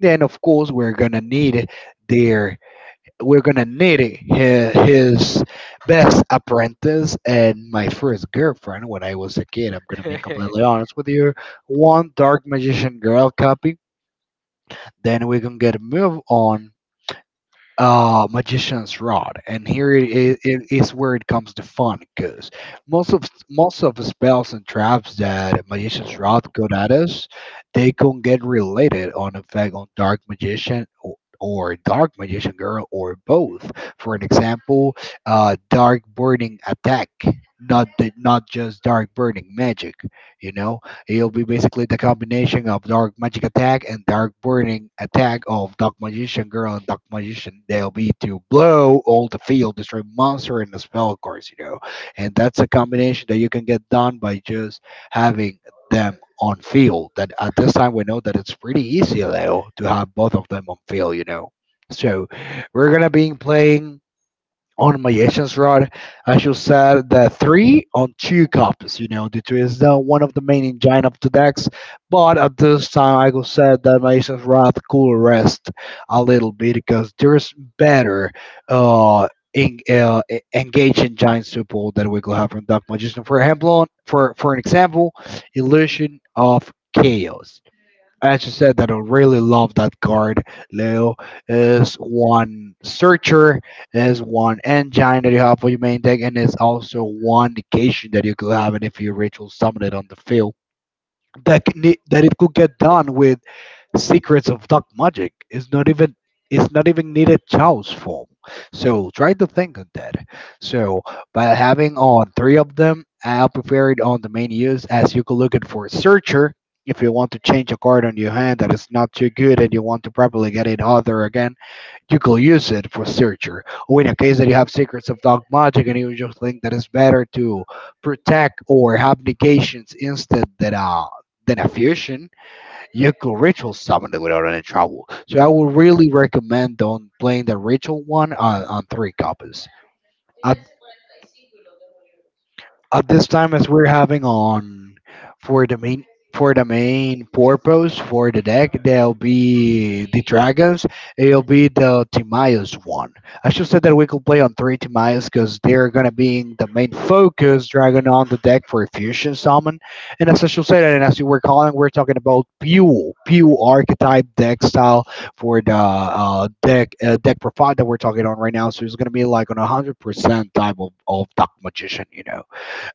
[SPEAKER 2] Then of course their we're gonna need his best apprentice and my first girlfriend when I was a kid. I'm gonna be
[SPEAKER 1] [LAUGHS]
[SPEAKER 2] completely honest with you. One Dark Magician Girl copy. Then we can get a move on Magician's Rod, and here it is where it comes to fun, because most of most of the spells and traps that Magician's Rod could at us, they can get related on effect on Dark Magician, or Dark Magician Girl, or both. For an example, dark burning attack, not just dark burning magic you know It'll be basically the combination of Dark Magic Attack and Dark Burning Attack of Dark Magician Girl and Dark Magician. They'll be to blow all the field, destroy monster and the spell, of course. And that's a combination that you can get done by just having them on field. That at this time we know that it's pretty easy though to have both of them on field. So we're gonna be playing on my Asians rod, I should set the three on two copies. You know, the two is the one of the main engine of the decks. But at this time, I could set that my Asians rod could rest a little bit, because there's better uh, engaging giant support that we could have from Dark Magician. For example, for an example, Illusion of Chaos, as you said, that I really love that card, Leo, is one searcher, is one engine that you have for your main deck, and it's also one negation that you could have, and if you ritual summon it on the field, that it could get done with Secrets of Dark Magic, is not even it's not even needed child's form. So try to think on that. So by having on three of them, I'll prepare it on the main use as you could look it for a searcher. If you want to change a card on your hand that is not too good and you want to probably get it other again, you could use it for searcher, or in a case that you have Secrets of Dog Magic, and you just think that it's better to protect or have negations instead than a fusion, you could ritual summon it without any trouble. So I would really recommend on playing the ritual one on three copies. At at this time, as we're having on for the main for the main purpose for the deck, there'll be the dragons, it'll be the Timaeus one. I should say that we could play on three Timaeus because they're gonna be in the main focus dragon on the deck for a fusion summon. And as I should say that, and as you were calling, we're talking about pure archetype deck style for the deck profile that we're talking on right now. So it's gonna be like on 100% type of Dark Magician. You know,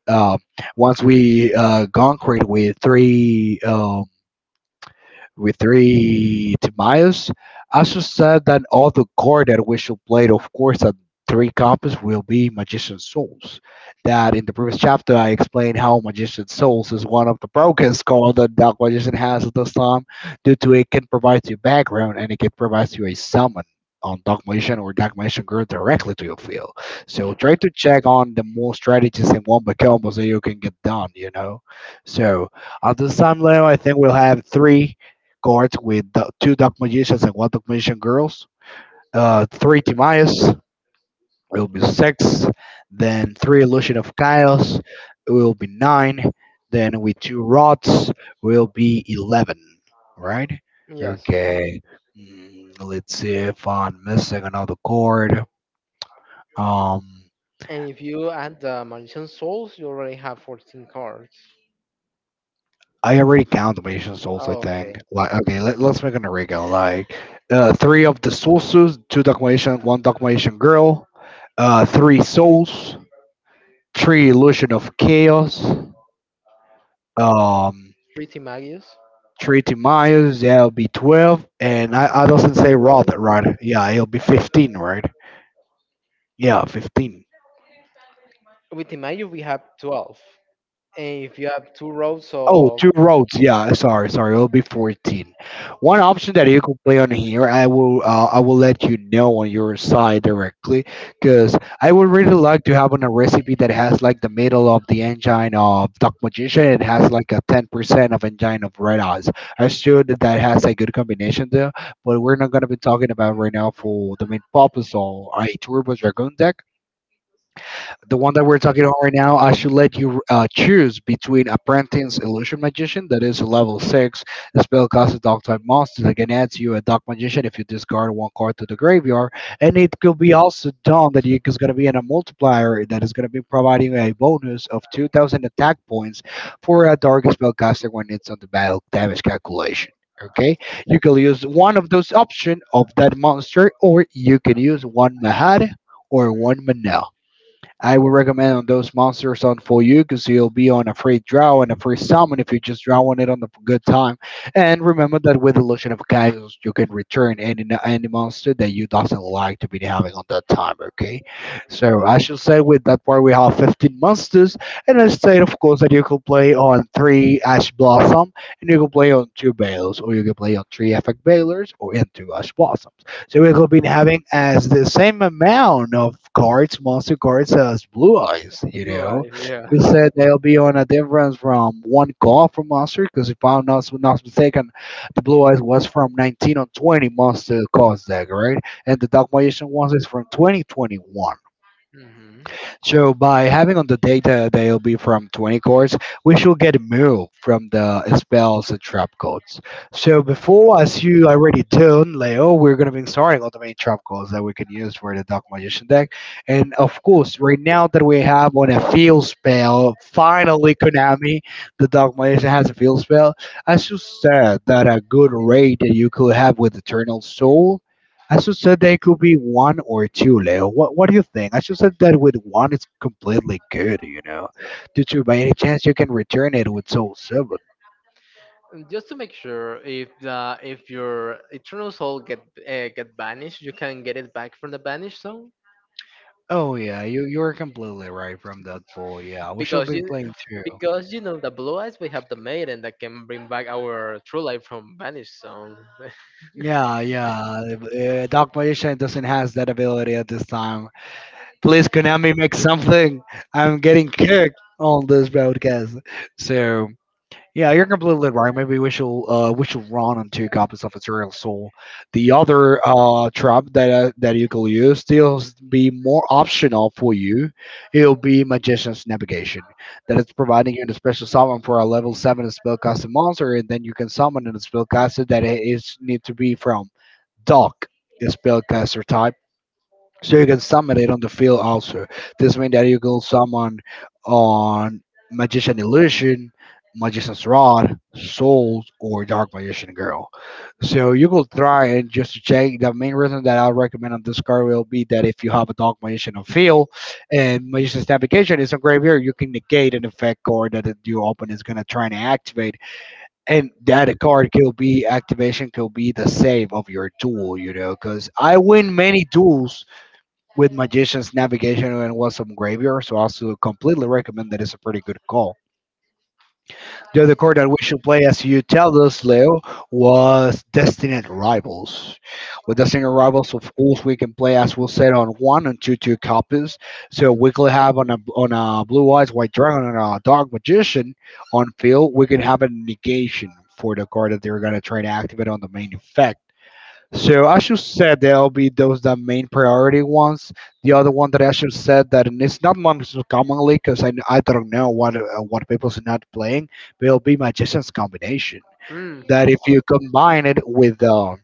[SPEAKER 2] um, once we gone created with three. With three Timaeus, also said that all the cards that we should play, of course, at three copies will be Magician Souls. That in the previous chapter I explained how Magician Souls is one of the brokest cards that Dark Magician has at this time, due to it can provide you background and it can provide you a summon on Dark Magician or Dark Magician Girl directly to your field. So try to check on the more strategies in one combos that you can get done. So at this time, Leo, I think we'll have three guards with the two Dark Magicians and one Dark Magician Girls, three Timaeus, it will be six, then three Illusion of Chaos, it will be nine, then with two rods will be 11, right?
[SPEAKER 1] yes.
[SPEAKER 2] Okay, let's see if I'm missing another guard. Um,
[SPEAKER 1] And if you add the Magician Souls, you already have 14 cards.
[SPEAKER 2] I already count the Mission Souls, I
[SPEAKER 1] Oh,
[SPEAKER 2] think.
[SPEAKER 1] okay.
[SPEAKER 2] Like, okay, let's make an original. Like, three of the sources, two Documentation, one Documentation Girl, three Souls, three Illusion of Chaos, um,
[SPEAKER 1] Three Timagius,
[SPEAKER 2] three Timaeus, yeah, it'll be 12, and I doesn't
[SPEAKER 1] two
[SPEAKER 2] say
[SPEAKER 1] rows.
[SPEAKER 2] Rather, right? Yeah, it'll be 15, right? Yeah, 15.
[SPEAKER 1] With Timagius, we have 12. And if you have two rows
[SPEAKER 2] Oh,
[SPEAKER 1] of
[SPEAKER 2] two roads. Yeah, sorry, sorry. It'll be 14. One option that you could play on here, I will let you know on your side directly, because I would really like to have on a recipe that has like the middle of the engine of Duck Magician. It has like a 10% of engine of Red Eyes. I sure that that has a good combination there, but we're not gonna be talking about right now. For the main purpose of a Turbo Dragoon deck, the one that we're talking on right now, I should let you choose between Apprentice Illusion Magician, that is a level 6. The spell costs a dog type monster that can add to you a dark magician if you discard one card to the graveyard. And it could be also done that it is going to be in a multiplier that is going to be providing a bonus of 2000 attack points for a dark spellcaster when it's on the battle damage calculation. Okay, you can use one of those options of that monster, or you can use one Mahad or one Manel. I would recommend on those monsters on for you because you'll be on a free draw and a free summon if you just draw on it on the good time. And remember that with Illusion of Chaos, you can return any monster that you doesn't like to be having on that time. Okay, so I should say with that part we have 15 monsters, and I said of course that you could play on three Ash Blossom, and you could play on two Bales, or you could play on three Effect Balers, or into Ash Blossom. So we could be having as the same amount of cards, monster cards as Blue Eyes. You
[SPEAKER 1] blue
[SPEAKER 2] know,
[SPEAKER 1] eyes, yeah.
[SPEAKER 2] we said they'll be on a difference from one call for monster because if I'm not mistaken, the Blue Eyes was from 19 on 20 monster cards deck, right? And the Dark Magician ones is from 2021.
[SPEAKER 1] Mhm.
[SPEAKER 2] So by having on the data that will be from 20 cards, we should get a move from the spells and trap codes. So before, as you already tuned, Leo, we're going to be starting on the main trap codes that we can use for the Dark Magician deck. And of course, right now that we have on a field spell, finally Konami, the Dark Magician has a field spell. As you said, that a good rate that you could have with Eternal Soul, I should say they could be one or two, Leo. What do you think? I should say that with one, it's completely good, you know. Due to by any chance you can return it with Soul Seven.
[SPEAKER 1] And just to make sure, if the if your eternal soul get banished, you can get it back from the banished soul,
[SPEAKER 2] Oh yeah, you're completely right from that poll. Yeah, we should
[SPEAKER 1] because
[SPEAKER 2] be
[SPEAKER 1] you,
[SPEAKER 2] playing two.
[SPEAKER 1] because you know the blue eyes we have the maiden that can bring back our true life from banished soul. [LAUGHS]
[SPEAKER 2] Yeah, yeah. Dark Magician doesn't has that ability at this time. Please, Konami, make something. I'm getting kicked on this broadcast. So. Yeah, you're completely right. Maybe we should run on two copies of Ethereal Soul. The other trap that you could use still be more optional for you. It'll be Magician's Navigation, that is providing you the special summon for a level seven spellcasting monster, and then you can summon a spellcaster that it is need to be from Doc, the spellcaster type, so you can summon it on the field also. This means that you can summon on Magician Illusion, Magician's Rod, Souls, or Dark Magician Girl. So you could try and just to check. The main reason that I'll recommend on this card will be that if you have a Dark Magician on field and Magician's Navigation is on graveyard, you can negate an effect card that you open is gonna try and activate, and that card could be activation could be the save of your duel, you know, because I win many duels with Magician's Navigation and Awesome Graveyard, so I also completely recommend that it's a pretty good call. The other card that we should play, as you tell us, Leo, was Destined Rivals. With Destined Rivals, of course, we can play, as we said, on one and two copies. So we could have on a blue eyes white dragon and a dark magician on field. We can have a negation for the card that they're gonna try to activate on the main effect, so I should say there'll be those that main priority ones. The other one that I should said that, and it's not most commonly because I don't know what people's not playing, but it'll be magician's combination.
[SPEAKER 1] hmm.
[SPEAKER 2] That if you combine it with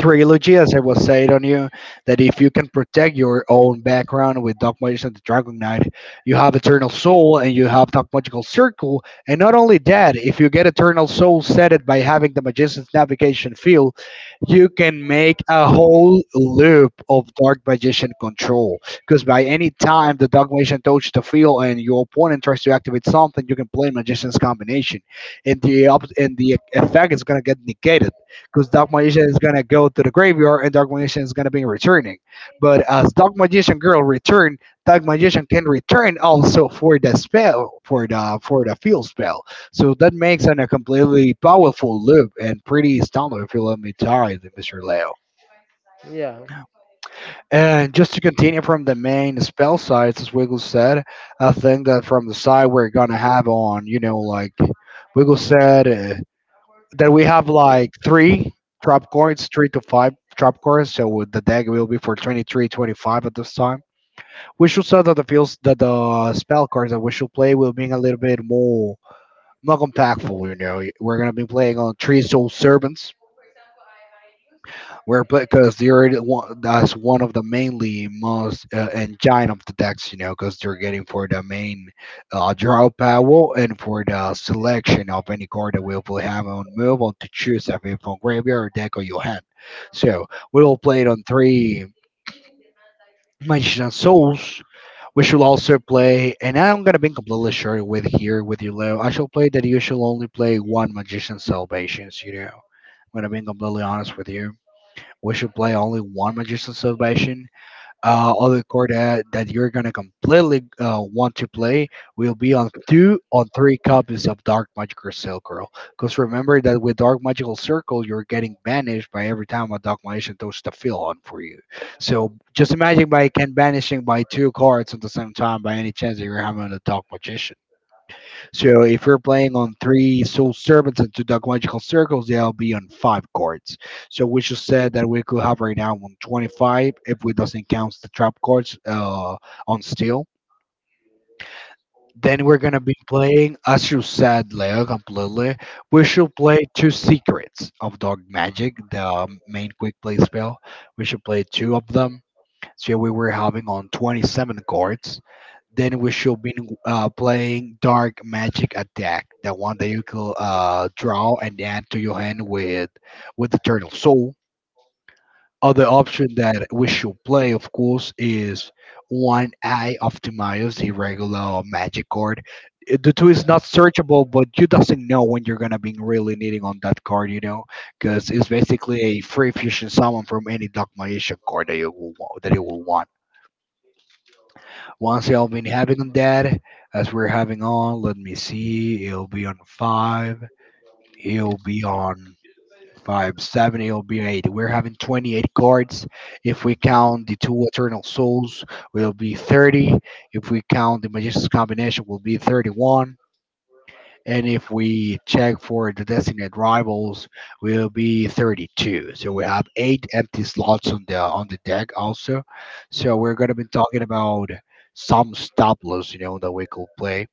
[SPEAKER 2] trilogy, as I was saying on you, that if you can protect your own background with Dark Magician and the Dragon Knight, you have Eternal Soul and you have Dark Magical Circle. And not only that, if you get Eternal Soul set it by having the Magician's Navigation field, you can make a whole loop of Dark Magician control. Because by any time the Dark Magician touches the field and your opponent tries to activate something, you can play Magician's combination and the effect is gonna get negated because Dark Magician is gonna go to the graveyard and Dark Magician is gonna be returning. But as Dark Magician girl return, Dark Magician can return also for the spell for the field spell. So that makes an, a completely powerful loop and pretty standard if you let me tell you, Mr. Leo.
[SPEAKER 1] Yeah.
[SPEAKER 2] And just to continue from the main spell sides, as Wiggle said, I think that from the side we're gonna have on, you know, like Wiggle said. Then we have like three trap cards, three to five trap cards. So with the deck will be for 23, 25 at this time. We should say that the fields that the spell cards that we should play will be a little bit more impactful. You know, we're gonna be playing on three soul servants. Where because you're in one, that's one of the mainly most engine of the decks, you know, because they are getting for the main draw power and for the selection of any card that will have on move on to choose a from graveyard deck or your hand. So we will play it on three Magician of Souls. We should also play, and I'm gonna be completely sure with here with you, Leo. I shall play that you should only play one Magician Salvations. You know, I'm gonna be completely honest with you, we should play only one Magician Salvation. Other card that you're gonna completely want to play will be on two on three copies of Dark Magical Circle. Because remember that with Dark Magical Circle, you're getting banished by every time a Dark Magician throws the field on for you. So just imagine by can banishing by two cards at the same time by any chance that you're having a Dark Magician. So if you're playing on three soul servants and two dogmagical circles, they'll be on five cards. So we just said that we could have right now on 25 if we doesn't count the trap cards on steel. Then we're gonna be playing, as you said, Leo, completely. We should play two secrets of Dog Magic, the main quick play spell. We should play two of them, so yeah, we were having on 27 cards. Then we should be playing Dark Magic Attack, the one that you could draw and add to your hand with Eternal Soul. Other option that we should play, of course, is One Eye of Timaeus, the regular magic card. The two is not searchable, but you doesn't know when you're gonna be really needing on that card, you know, because it's basically a free fusion summon from any Dark Magician card that you that you will want. Once y'all been having on that, as we're having on, let me see, it'll be on five, it'll be on five, seven, it'll be eight. We're having 28 cards. If we count the two Eternal Souls, will be 30. If we count the Magician's Combination, will be 31, and if we check for the designated rivals, will be 32. So we have eight empty slots on the deck also. So we're gonna be talking about some stopless, you know, that we could play.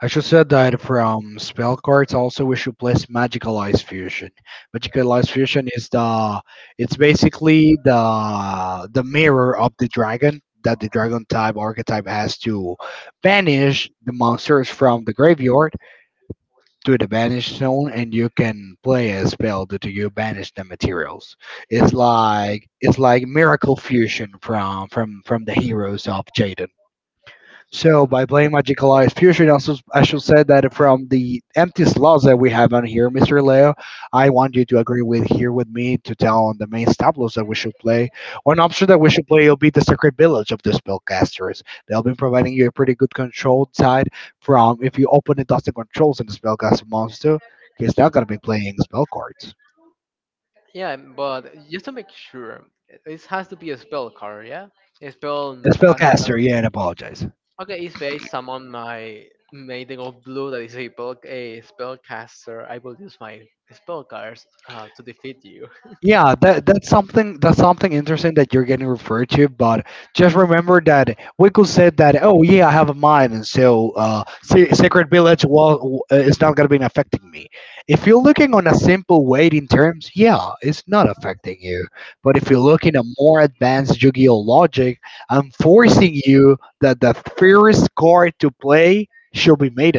[SPEAKER 2] I should said that from spell cards also we should place Magical Ice Fusion. Magical Ice Fusion is the, it's basically the mirror of the dragon that the dragon type archetype has to banish the monsters from the graveyard to the Banish Zone, and you can play a spell that you banish the materials. It's like Miracle Fusion from the heroes of Jaden. So by playing Magical Eyes Fusion, also I shall say that from the empty slots that we have on here, Mr. Leo, I want you to agree with here with me to tell on the main tableaus that we should play. One option that we should play will be the Sacred Village of the Spellcasters. They'll be providing you a pretty good control side from if you open the Dusty Controls in the Spellcaster monster, he's not gonna be playing spell cards.
[SPEAKER 1] Yeah, but just to make sure, it has to be a spell card, yeah? A spell
[SPEAKER 2] The
[SPEAKER 1] cast.
[SPEAKER 2] Spellcaster, yeah, and apologize.
[SPEAKER 1] Okay, if I summon my Maiden of Blue that is spell, a spellcaster, I will use my spell cards to defeat you. [LAUGHS]
[SPEAKER 2] Yeah, that's something interesting that you're getting referred to, but just remember that Wickle said that, oh yeah, I have a mine, and so Sacred Village well is not gonna be affecting me. If you're looking on a simple weight in terms, yeah, it's not affecting you. But if you're looking at more advanced Yu-Gi-Oh logic, I'm forcing you that the first card to play should be made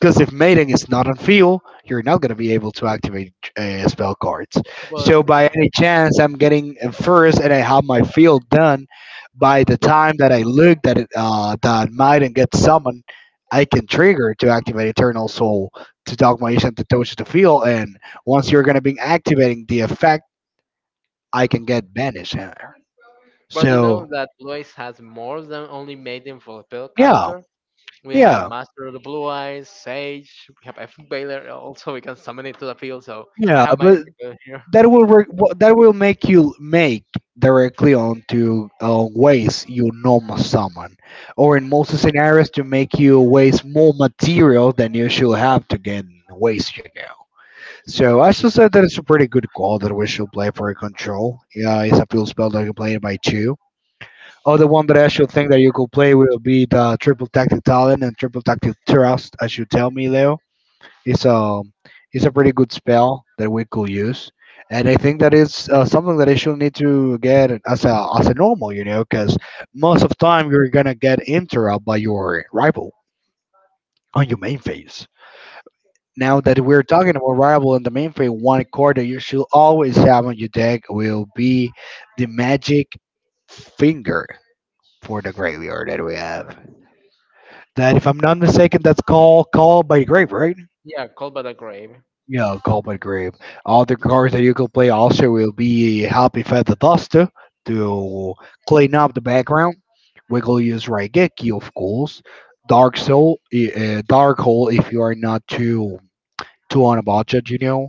[SPEAKER 2] because if Maiden is not on field, you're not going to be able to activate spell cards.
[SPEAKER 1] But
[SPEAKER 2] So by any chance, I'm getting in first, and I have my field done. By the time that I look that that Maiden gets summoned, I can trigger to activate Eternal Soul to Dogma Ishan to touch the field, and once you're going to be activating the effect, I can get banished in there.
[SPEAKER 1] you know
[SPEAKER 2] So
[SPEAKER 1] that Blue Eyes has more than only Maiden for
[SPEAKER 2] yeah,
[SPEAKER 1] spellcaster. We have
[SPEAKER 2] yeah,
[SPEAKER 1] Master of the Blue Eyes, Sage, we have Epic Baylor also we can summon it to the field, so I
[SPEAKER 2] yeah.
[SPEAKER 1] have my
[SPEAKER 2] But
[SPEAKER 1] Epic Baylor here.
[SPEAKER 2] that will make you make directly onto waste you normal summon, or in most scenarios to make you waste more material than you should have to get waste. You know, so I should say that it's a pretty good call that we should play for a control. Yeah, it's a field spell that you can play by two. Other one that I should think that you could play will be the triple tactic talent and triple tactic trust, as you tell me, Leo is a is a pretty good spell that we could use, and I think that is something that I should need to get as a normal, you know, because most of the time you're gonna get interrupted by your rival on your main phase. Now that we're talking about rival and the main phase, one card that you should always have on your deck will be the magic finger for the graveyard that we have. That if I'm not mistaken, that's called by grave, right?
[SPEAKER 1] Yeah, Cold by the Grave.
[SPEAKER 2] Yeah, Common Grave. Other cards that you can play also will be Happy Feather Duster to clean up the background. We could use Raigeki, of course. Dark Hole if you are not too two on a budget, you know.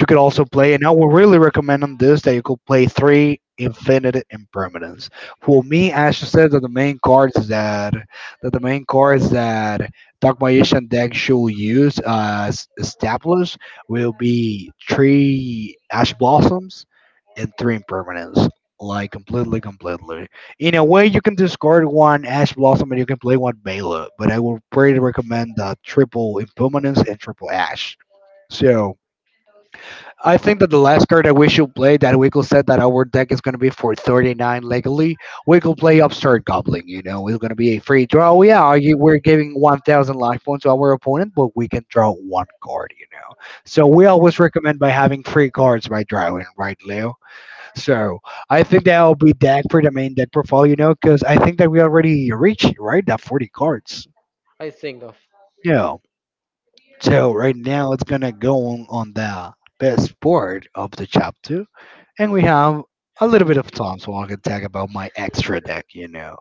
[SPEAKER 2] You could also play, and I would really recommend on this that you could play three Infinite Impermanence. For me, as you said, that the main cards that that the main cards that Dark deck should use as established will be three Ash Blossoms and three Impermanence. Like completely, completely. In a way, you can discard one Ash Blossom and you can play one Bela, but I would pretty recommend the triple Impermanence and triple Ash. So I think that the last card that we should play that Wiggle said that our deck is gonna be for 39 legally. We could play Upstart Goblin, you know, it's gonna be a free draw. Yeah, you, we're giving 1,000 life points to our opponent, but we can draw one card, you know. So we always recommend by having free cards by drawing, right, Leo? So I think that'll be deck for the main deck profile, you know, because I think that we already reached right that 40 cards.
[SPEAKER 1] I think of
[SPEAKER 2] Yeah. So right now it's gonna go on the best part of the chapter, and we have a little bit of time so I can talk about my extra deck. You know,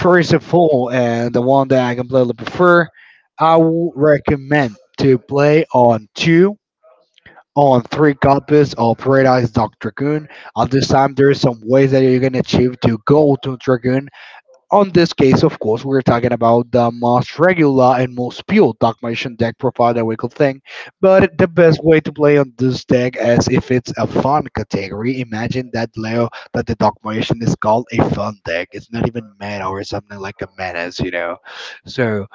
[SPEAKER 2] first of all, and the one that I completely prefer, I would recommend to play on three copies of Paradise Dog Dragoon. At this time, there is some ways that you can achieve to go to Dragoon on this case, of course, we're talking about the most regular and most pure Dark Magician deck profile that we could think, but the best way to play on this deck is if it's a fun category. Imagine that Leo that the Dark Magician is called a fun deck. It's not even mana or something like a menace, you know. So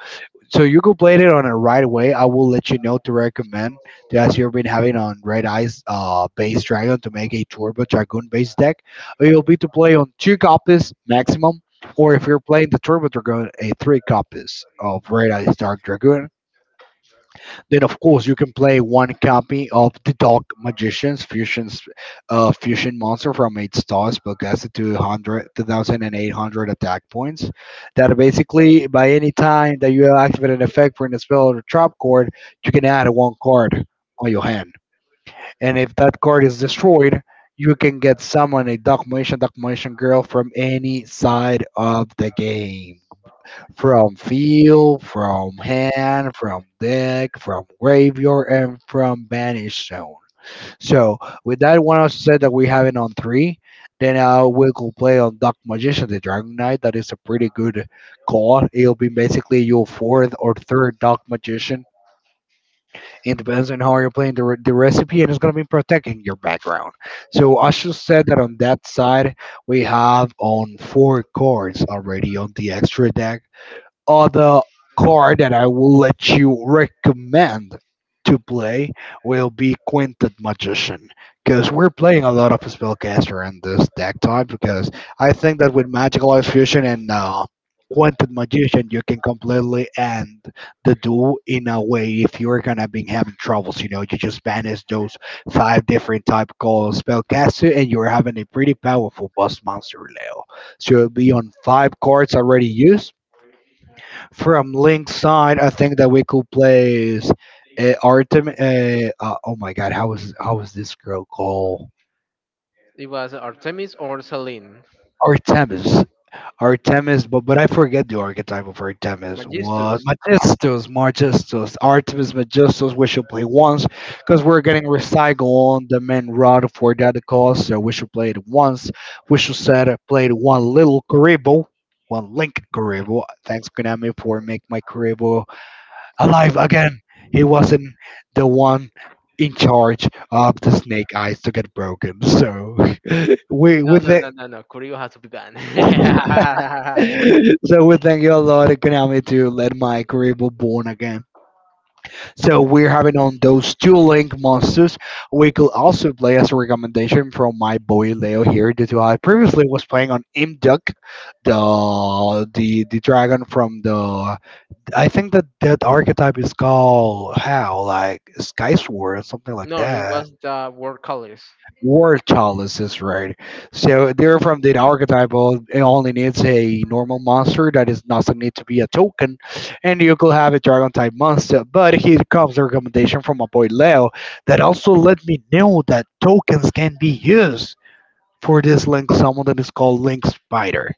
[SPEAKER 2] so you could play it on a right away. I will let you know to recommend the as you've been having on Red Eyes base dragon to make a turbo dragoon base deck. It'll be to play on two copies maximum, or if you're playing the turbo dragoon, a three copies of Red Eyes Dark Dragoon then of course you can play one copy of the Dark Magician's Fusion, Fusion Monster from eight stars, but that's a two thousand, eight hundred attack points. That basically by any time that you activate an effect, for a spell or trap card, you can add one card on your hand. And if that card is destroyed, you can get summon a Dark Magician, Dark Magician Girl from any side of the game from field, from hand, from deck, from graveyard, and from banished zone. So with that one set that we have it on three, then we could play on Dark Magician, the Dragon Knight. That is a pretty good card. It'll be basically your fourth or third Dark Magician. It depends on how you're playing the recipe, and it's gonna be protecting your background. So I should say that on that side, we have on four cards already on the extra deck other card that I will let you recommend to play will be Quintet Magician because we're playing a lot of Spellcaster in this deck type because I think that with Magical Life Fusion and Quintet Magician you can completely end the duel in a way if you're gonna be having troubles you know you just banish those five different type called Spellcaster and you're having a pretty powerful boss monster Leo so it'll be on five cards already used from Link's side, I think that we could place Artem. Oh my God, how is this girl called?
[SPEAKER 1] it was Artemis or Selene.
[SPEAKER 2] Artemis. Artemis, but I forget the archetype of Artemis. What
[SPEAKER 1] Magistus.
[SPEAKER 2] Magistus, Artemis Magistus. We should play once because we're getting recycle on the main route for that cause. So we should play it once. We should set up play one little Karibo, one Link Karibo. Thanks Konami for make my Karibo alive again. He wasn't the one in charge of the snake eyes to get broken. So [LAUGHS] we
[SPEAKER 1] No,
[SPEAKER 2] we
[SPEAKER 1] no,
[SPEAKER 2] thank
[SPEAKER 1] no, no, no. Curio has to be banned. [LAUGHS]
[SPEAKER 2] [LAUGHS] so we thank you a lot, Konami, to let my career be born again. So we're having on those two link monsters. We could also play as a recommendation from my boy Leo here, due to I previously was playing on Imduck, the dragon from the I think that archetype is called how like Sky Sword or something like
[SPEAKER 1] No, it
[SPEAKER 2] that.
[SPEAKER 1] was the word colors.
[SPEAKER 2] War Chalice is right. So they're from that archetypal. It only needs a normal monster that is doesn't need to be a token, and you could have a dragon type monster. But here comes the recommendation from my boy Leo that also let me know that tokens can be used for this link. Someone that is called Link Spider.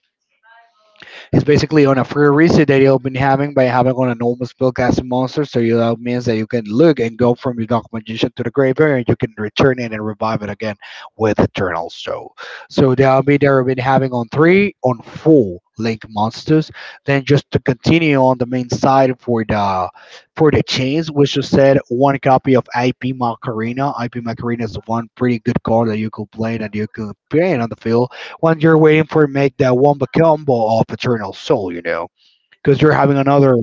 [SPEAKER 2] It's basically on a free reset that you have been having by having on a normal spellcasting monster. So you, that means that you can look and go from your dark magician to the graveyard, and you can return it and revive it again with Eternal Soul. So that'll be there. We've Been having on four link monsters. Then just to continue on the main side for the chains, which you said one copy of IP Macarena. IP Macarena is one pretty good card that you could play on the field when you're waiting for make that wombo combo of Eternal Soul, you know, because you're having another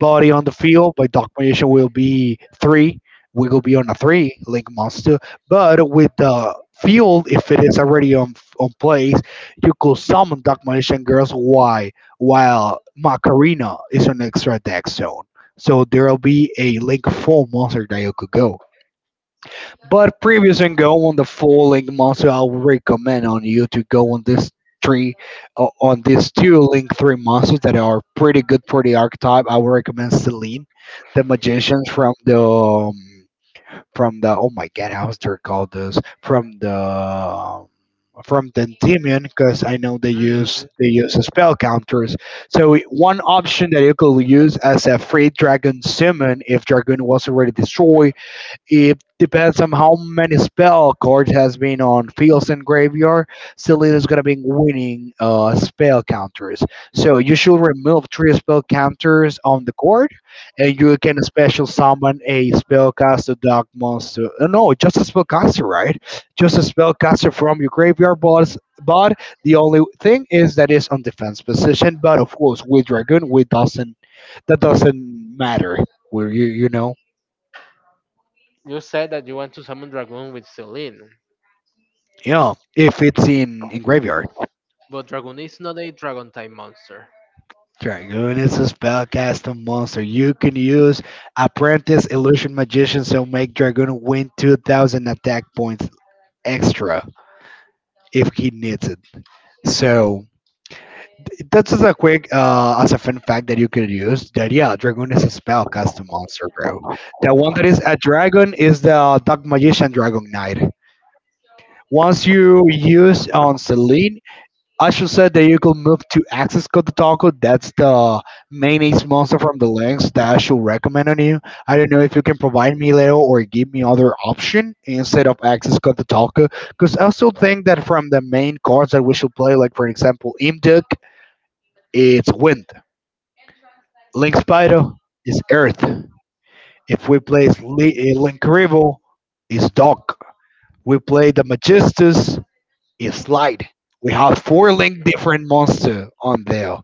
[SPEAKER 2] body on the field. By Dark Magician will be three. We will be on a three Link Monster, but with the field, if it is already on place, you could summon Dark Magician Girls. Why? While Macarena is on extra deck zone, so there'll be a Link Four monster that you could go. But previous and go on the following months, I would recommend on you to go on this three on these two link three monsters that are pretty good for the archetype. I would recommend Celine, the magicians from the oh my god, how's they called this from the from Dendimion because I know
[SPEAKER 1] Mm.
[SPEAKER 2] they use spell counters. So one option that you could use as a free dragon summon if dragon was already destroyed it depends on how many spell cards has been on fields and graveyard. Selena's gonna be winning spell counters. So you should remove three spell counters on the card, and you can special summon a spellcaster, dark monster. No, just a spellcaster, right? Just a spellcaster from your graveyard boss. But the only thing is that it's on defense position. But of course, with dragoon, we doesn't that doesn't matter. Where you know.
[SPEAKER 1] You said that you want to summon Dragoon with Celine,
[SPEAKER 2] If it's in Graveyard.
[SPEAKER 1] but Dragoon is not a dragon type monster.
[SPEAKER 2] Dragoon is a spellcasting monster. You can use Apprentice Illusion Magician, so make Dragoon win 2000 attack points extra if he needs it. So that's just a quick, as a fun fact that you could use that, yeah, Dragoon is a spellcasting monster, bro. The one that is a dragon is the Dark Magician Dragon Knight. Once you use on Celine, Ashu said that you could move to Access Kototoko. That's the mayonnaise monster from the links that Ashu recommend on you. I don't know if you can provide me Leo or give me other option instead of Access Kototoko, because I still think that from the main cards that we should play, like for example Imduk, it's Wind. Link Spider is Earth. If we play Link Rival, it's Dark. We play the Magistus, it's Light. We have four link different monster on there.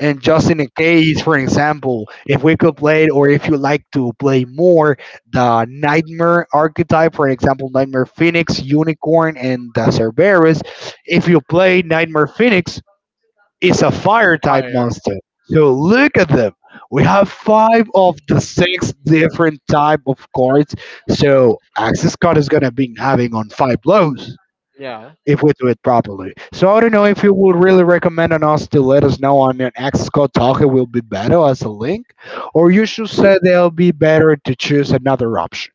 [SPEAKER 2] And just in a case, for example, if we could play, or if you like to play more, the Nightmare archetype, for example, Nightmare Phoenix, Unicorn, and the Cerberus, if you play Nightmare Phoenix, it's a fire type
[SPEAKER 1] Fire.
[SPEAKER 2] monster. So look at them. We have five of the six different type of cards. So Access Card is gonna be having on five blows
[SPEAKER 1] Yeah.
[SPEAKER 2] if we do it properly. So I don't know if you would really recommend on us to let us know on an Xcode Talk, it will be better as a link, or you should say they'll be better to choose another option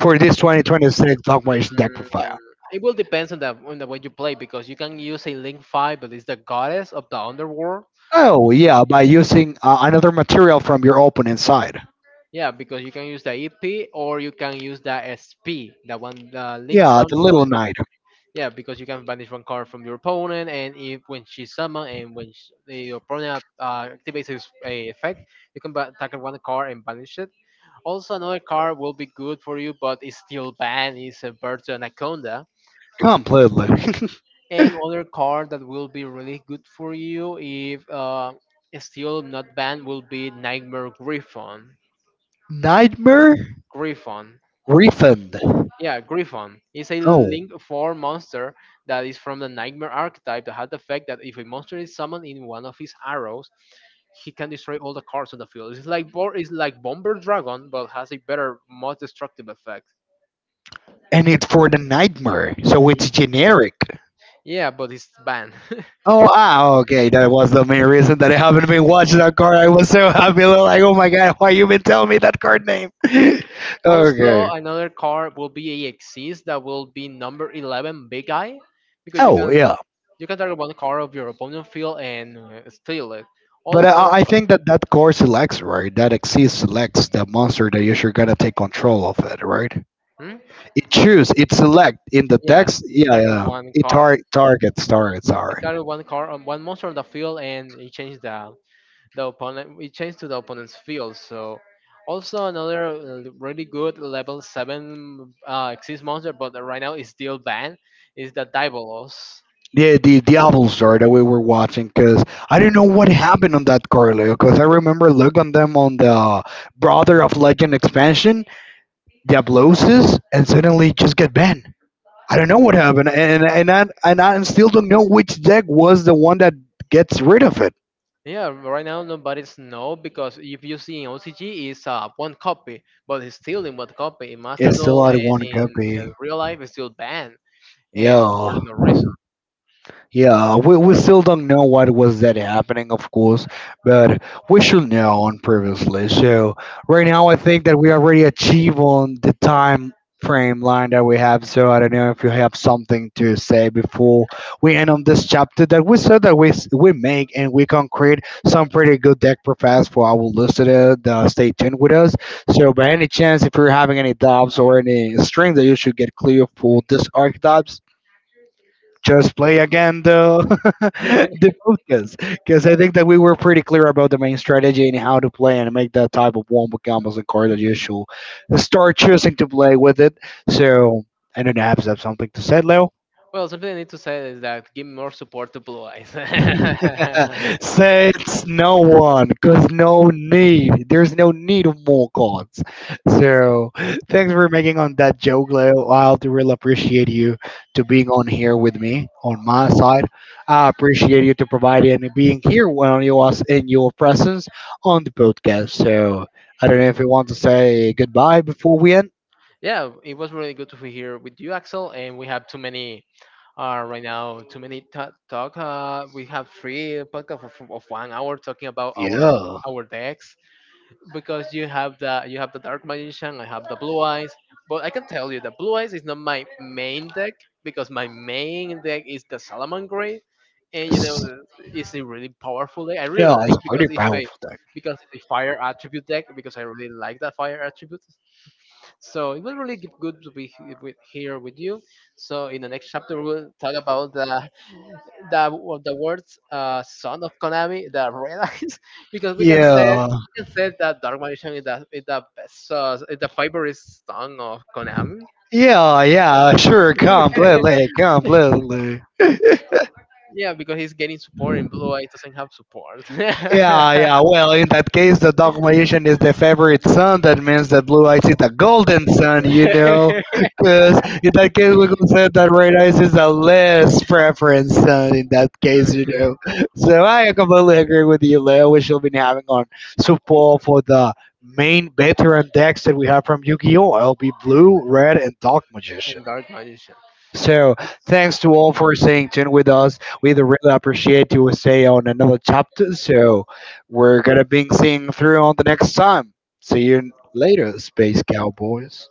[SPEAKER 2] for this 2026 augmentation deck
[SPEAKER 1] Mm,
[SPEAKER 2] profile.
[SPEAKER 1] It will depend on the way you play because you can use a Link Five, but it's the goddess of the underworld.
[SPEAKER 2] Oh yeah, by using another material from your opening side.
[SPEAKER 1] Yeah, because you can use the EP or you can use the SP, the one the Link
[SPEAKER 2] Yeah, the
[SPEAKER 1] Summon
[SPEAKER 2] little
[SPEAKER 1] monster.
[SPEAKER 2] knight.
[SPEAKER 1] Yeah, because you can banish one card from your opponent, and if when she summon and when sh the opponent activates his effect, you can target one card and banish it. Also, another card will be good for you, but it's still banned. Is a Virtu Anaconda,
[SPEAKER 2] Completely. [LAUGHS]
[SPEAKER 1] and other card that will be really good for you if it's still not banned will be Nightmare Griffon.
[SPEAKER 2] Nightmare
[SPEAKER 1] Griffon.
[SPEAKER 2] refund.
[SPEAKER 1] Yeah, Griffon is a
[SPEAKER 2] Oh,
[SPEAKER 1] Link 4 monster that is from the Nightmare archetype that had the effect that if a monster is summoned in one of his arrows, he can destroy all the cards on the field. It's like Bomber Dragon, but has a better, more destructive effect.
[SPEAKER 2] and it's for the nightmare, so it's generic.
[SPEAKER 1] Yeah, but it's banned. [LAUGHS]
[SPEAKER 2] Oh, ah, okay. That was the main reason that I haven't been watching that card. I was so happy. [LAUGHS] Like, oh my god, why you been telling me that card name? [LAUGHS]
[SPEAKER 1] Also,
[SPEAKER 2] Okay.
[SPEAKER 1] another card will be a Exis that will be number 11 Big Eye, because
[SPEAKER 2] Oh yeah,
[SPEAKER 1] you can target one card of your opponent field and steal it.
[SPEAKER 2] but
[SPEAKER 1] Also,
[SPEAKER 2] I think that that core selects right. That exceeds selects the monster that you should gonna take control of it, right?
[SPEAKER 1] hmm?
[SPEAKER 2] It choose, it select in the
[SPEAKER 1] Yeah,
[SPEAKER 2] text.
[SPEAKER 1] it
[SPEAKER 2] Yeah,
[SPEAKER 1] targets
[SPEAKER 2] yeah.
[SPEAKER 1] one
[SPEAKER 2] It
[SPEAKER 1] card.
[SPEAKER 2] targets.
[SPEAKER 1] It
[SPEAKER 2] Sorry.
[SPEAKER 1] started one card on one monster on the field and it changed the opponent it changed to the opponent's field. So also another really good level 7 exists monster but right now it's still banned is the diabolos.
[SPEAKER 2] Yeah, the Avatar that we were watching, because I do not know what happened on that Carlo, because I remember looking on them on the Brother of Legend expansion, Diablosis, and suddenly just get banned. I don't know what happened, and I still don't know which deck was the one that gets rid of it.
[SPEAKER 1] Yeah, right now nobody's know because if you see in ocg it's one copy but it's still in one copy in master
[SPEAKER 2] It's still
[SPEAKER 1] duel
[SPEAKER 2] out of
[SPEAKER 1] and
[SPEAKER 2] one
[SPEAKER 1] in
[SPEAKER 2] copy.
[SPEAKER 1] real life it's still banned and for
[SPEAKER 2] Yeah.
[SPEAKER 1] no reason.
[SPEAKER 2] Yeah, we still don't know what was that happening, of course, but we should know on previously. So right now, I think that we already achieved on the time frame line that we have. So I don't know if you have something to say before we end on this chapter that we said that we make and we concrete some pretty good deck profiles for our listener. Stay tuned with us. So by any chance, if you're having any doubts or any strings that you should get clear for this archetype, just play again the [LAUGHS]
[SPEAKER 1] [LAUGHS]
[SPEAKER 2] the podcast, because I think that we were pretty clear about the main strategy and how to play and make that type of wombo combos and card that you should start choosing to play with it. So I don't know, perhaps you have something to say, Leo.
[SPEAKER 1] Well, something I need to say is that give more support to blue eyes.
[SPEAKER 2] [LAUGHS]
[SPEAKER 1] [LAUGHS]
[SPEAKER 2] Says no one, cause no need. There's no need of more gods. So thanks for making on that joke, Leo. I'll really appreciate you to being on here with me on my side. I appreciate you to providing and being here when you was in your presence on the podcast. So I don't know if you want to say goodbye before we end.
[SPEAKER 1] Yeah, it was really good to be here with you, Axel. And we have too many right now, too many talk. We have three podcast of 1 hour talking about
[SPEAKER 2] Yeah,
[SPEAKER 1] our decks because you have the Dark Magician, I have the Blue Eyes. But I can tell you that Blue Eyes is not my main deck because my main deck is the Salaman Gray, and you know
[SPEAKER 2] S-
[SPEAKER 1] it's a really powerful deck. I
[SPEAKER 2] yeah,
[SPEAKER 1] really
[SPEAKER 2] it's
[SPEAKER 1] like
[SPEAKER 2] a pretty
[SPEAKER 1] because it's a
[SPEAKER 2] powerful thing.
[SPEAKER 1] because the fire attribute deck because I really like that fire attribute. So it was really good to be here with you. So in the next chapter, we'll talk about the [LAUGHS] the words "son of Konami," the red eyes, [LAUGHS] because
[SPEAKER 2] Yeah.
[SPEAKER 1] we can say that Dark Magician is the best is the favorite son of Konami.
[SPEAKER 2] Yeah, yeah, sure, completely, completely.
[SPEAKER 1] Yeah, because he's getting support and Blue Eye doesn't have support. [LAUGHS] [LAUGHS]
[SPEAKER 2] Yeah,
[SPEAKER 1] And
[SPEAKER 2] yeah. Well, in that case, the dog magician is the favorite son. That means that blue eyes is the golden son. Because in that case, we could say that red eyes is the less preference son. In that case. So I completely agree with you, Leo. We should be having on support for the main veteran decks that we have from Yu-Gi-Oh! I'll be blue, red, and dog magician.
[SPEAKER 1] Dark Magician.
[SPEAKER 2] So, thanks to all for staying tuned with us. We really appreciate you stay on another chapter. So, we're gonna be seeing through on the next time. See you later, Space Cowboys.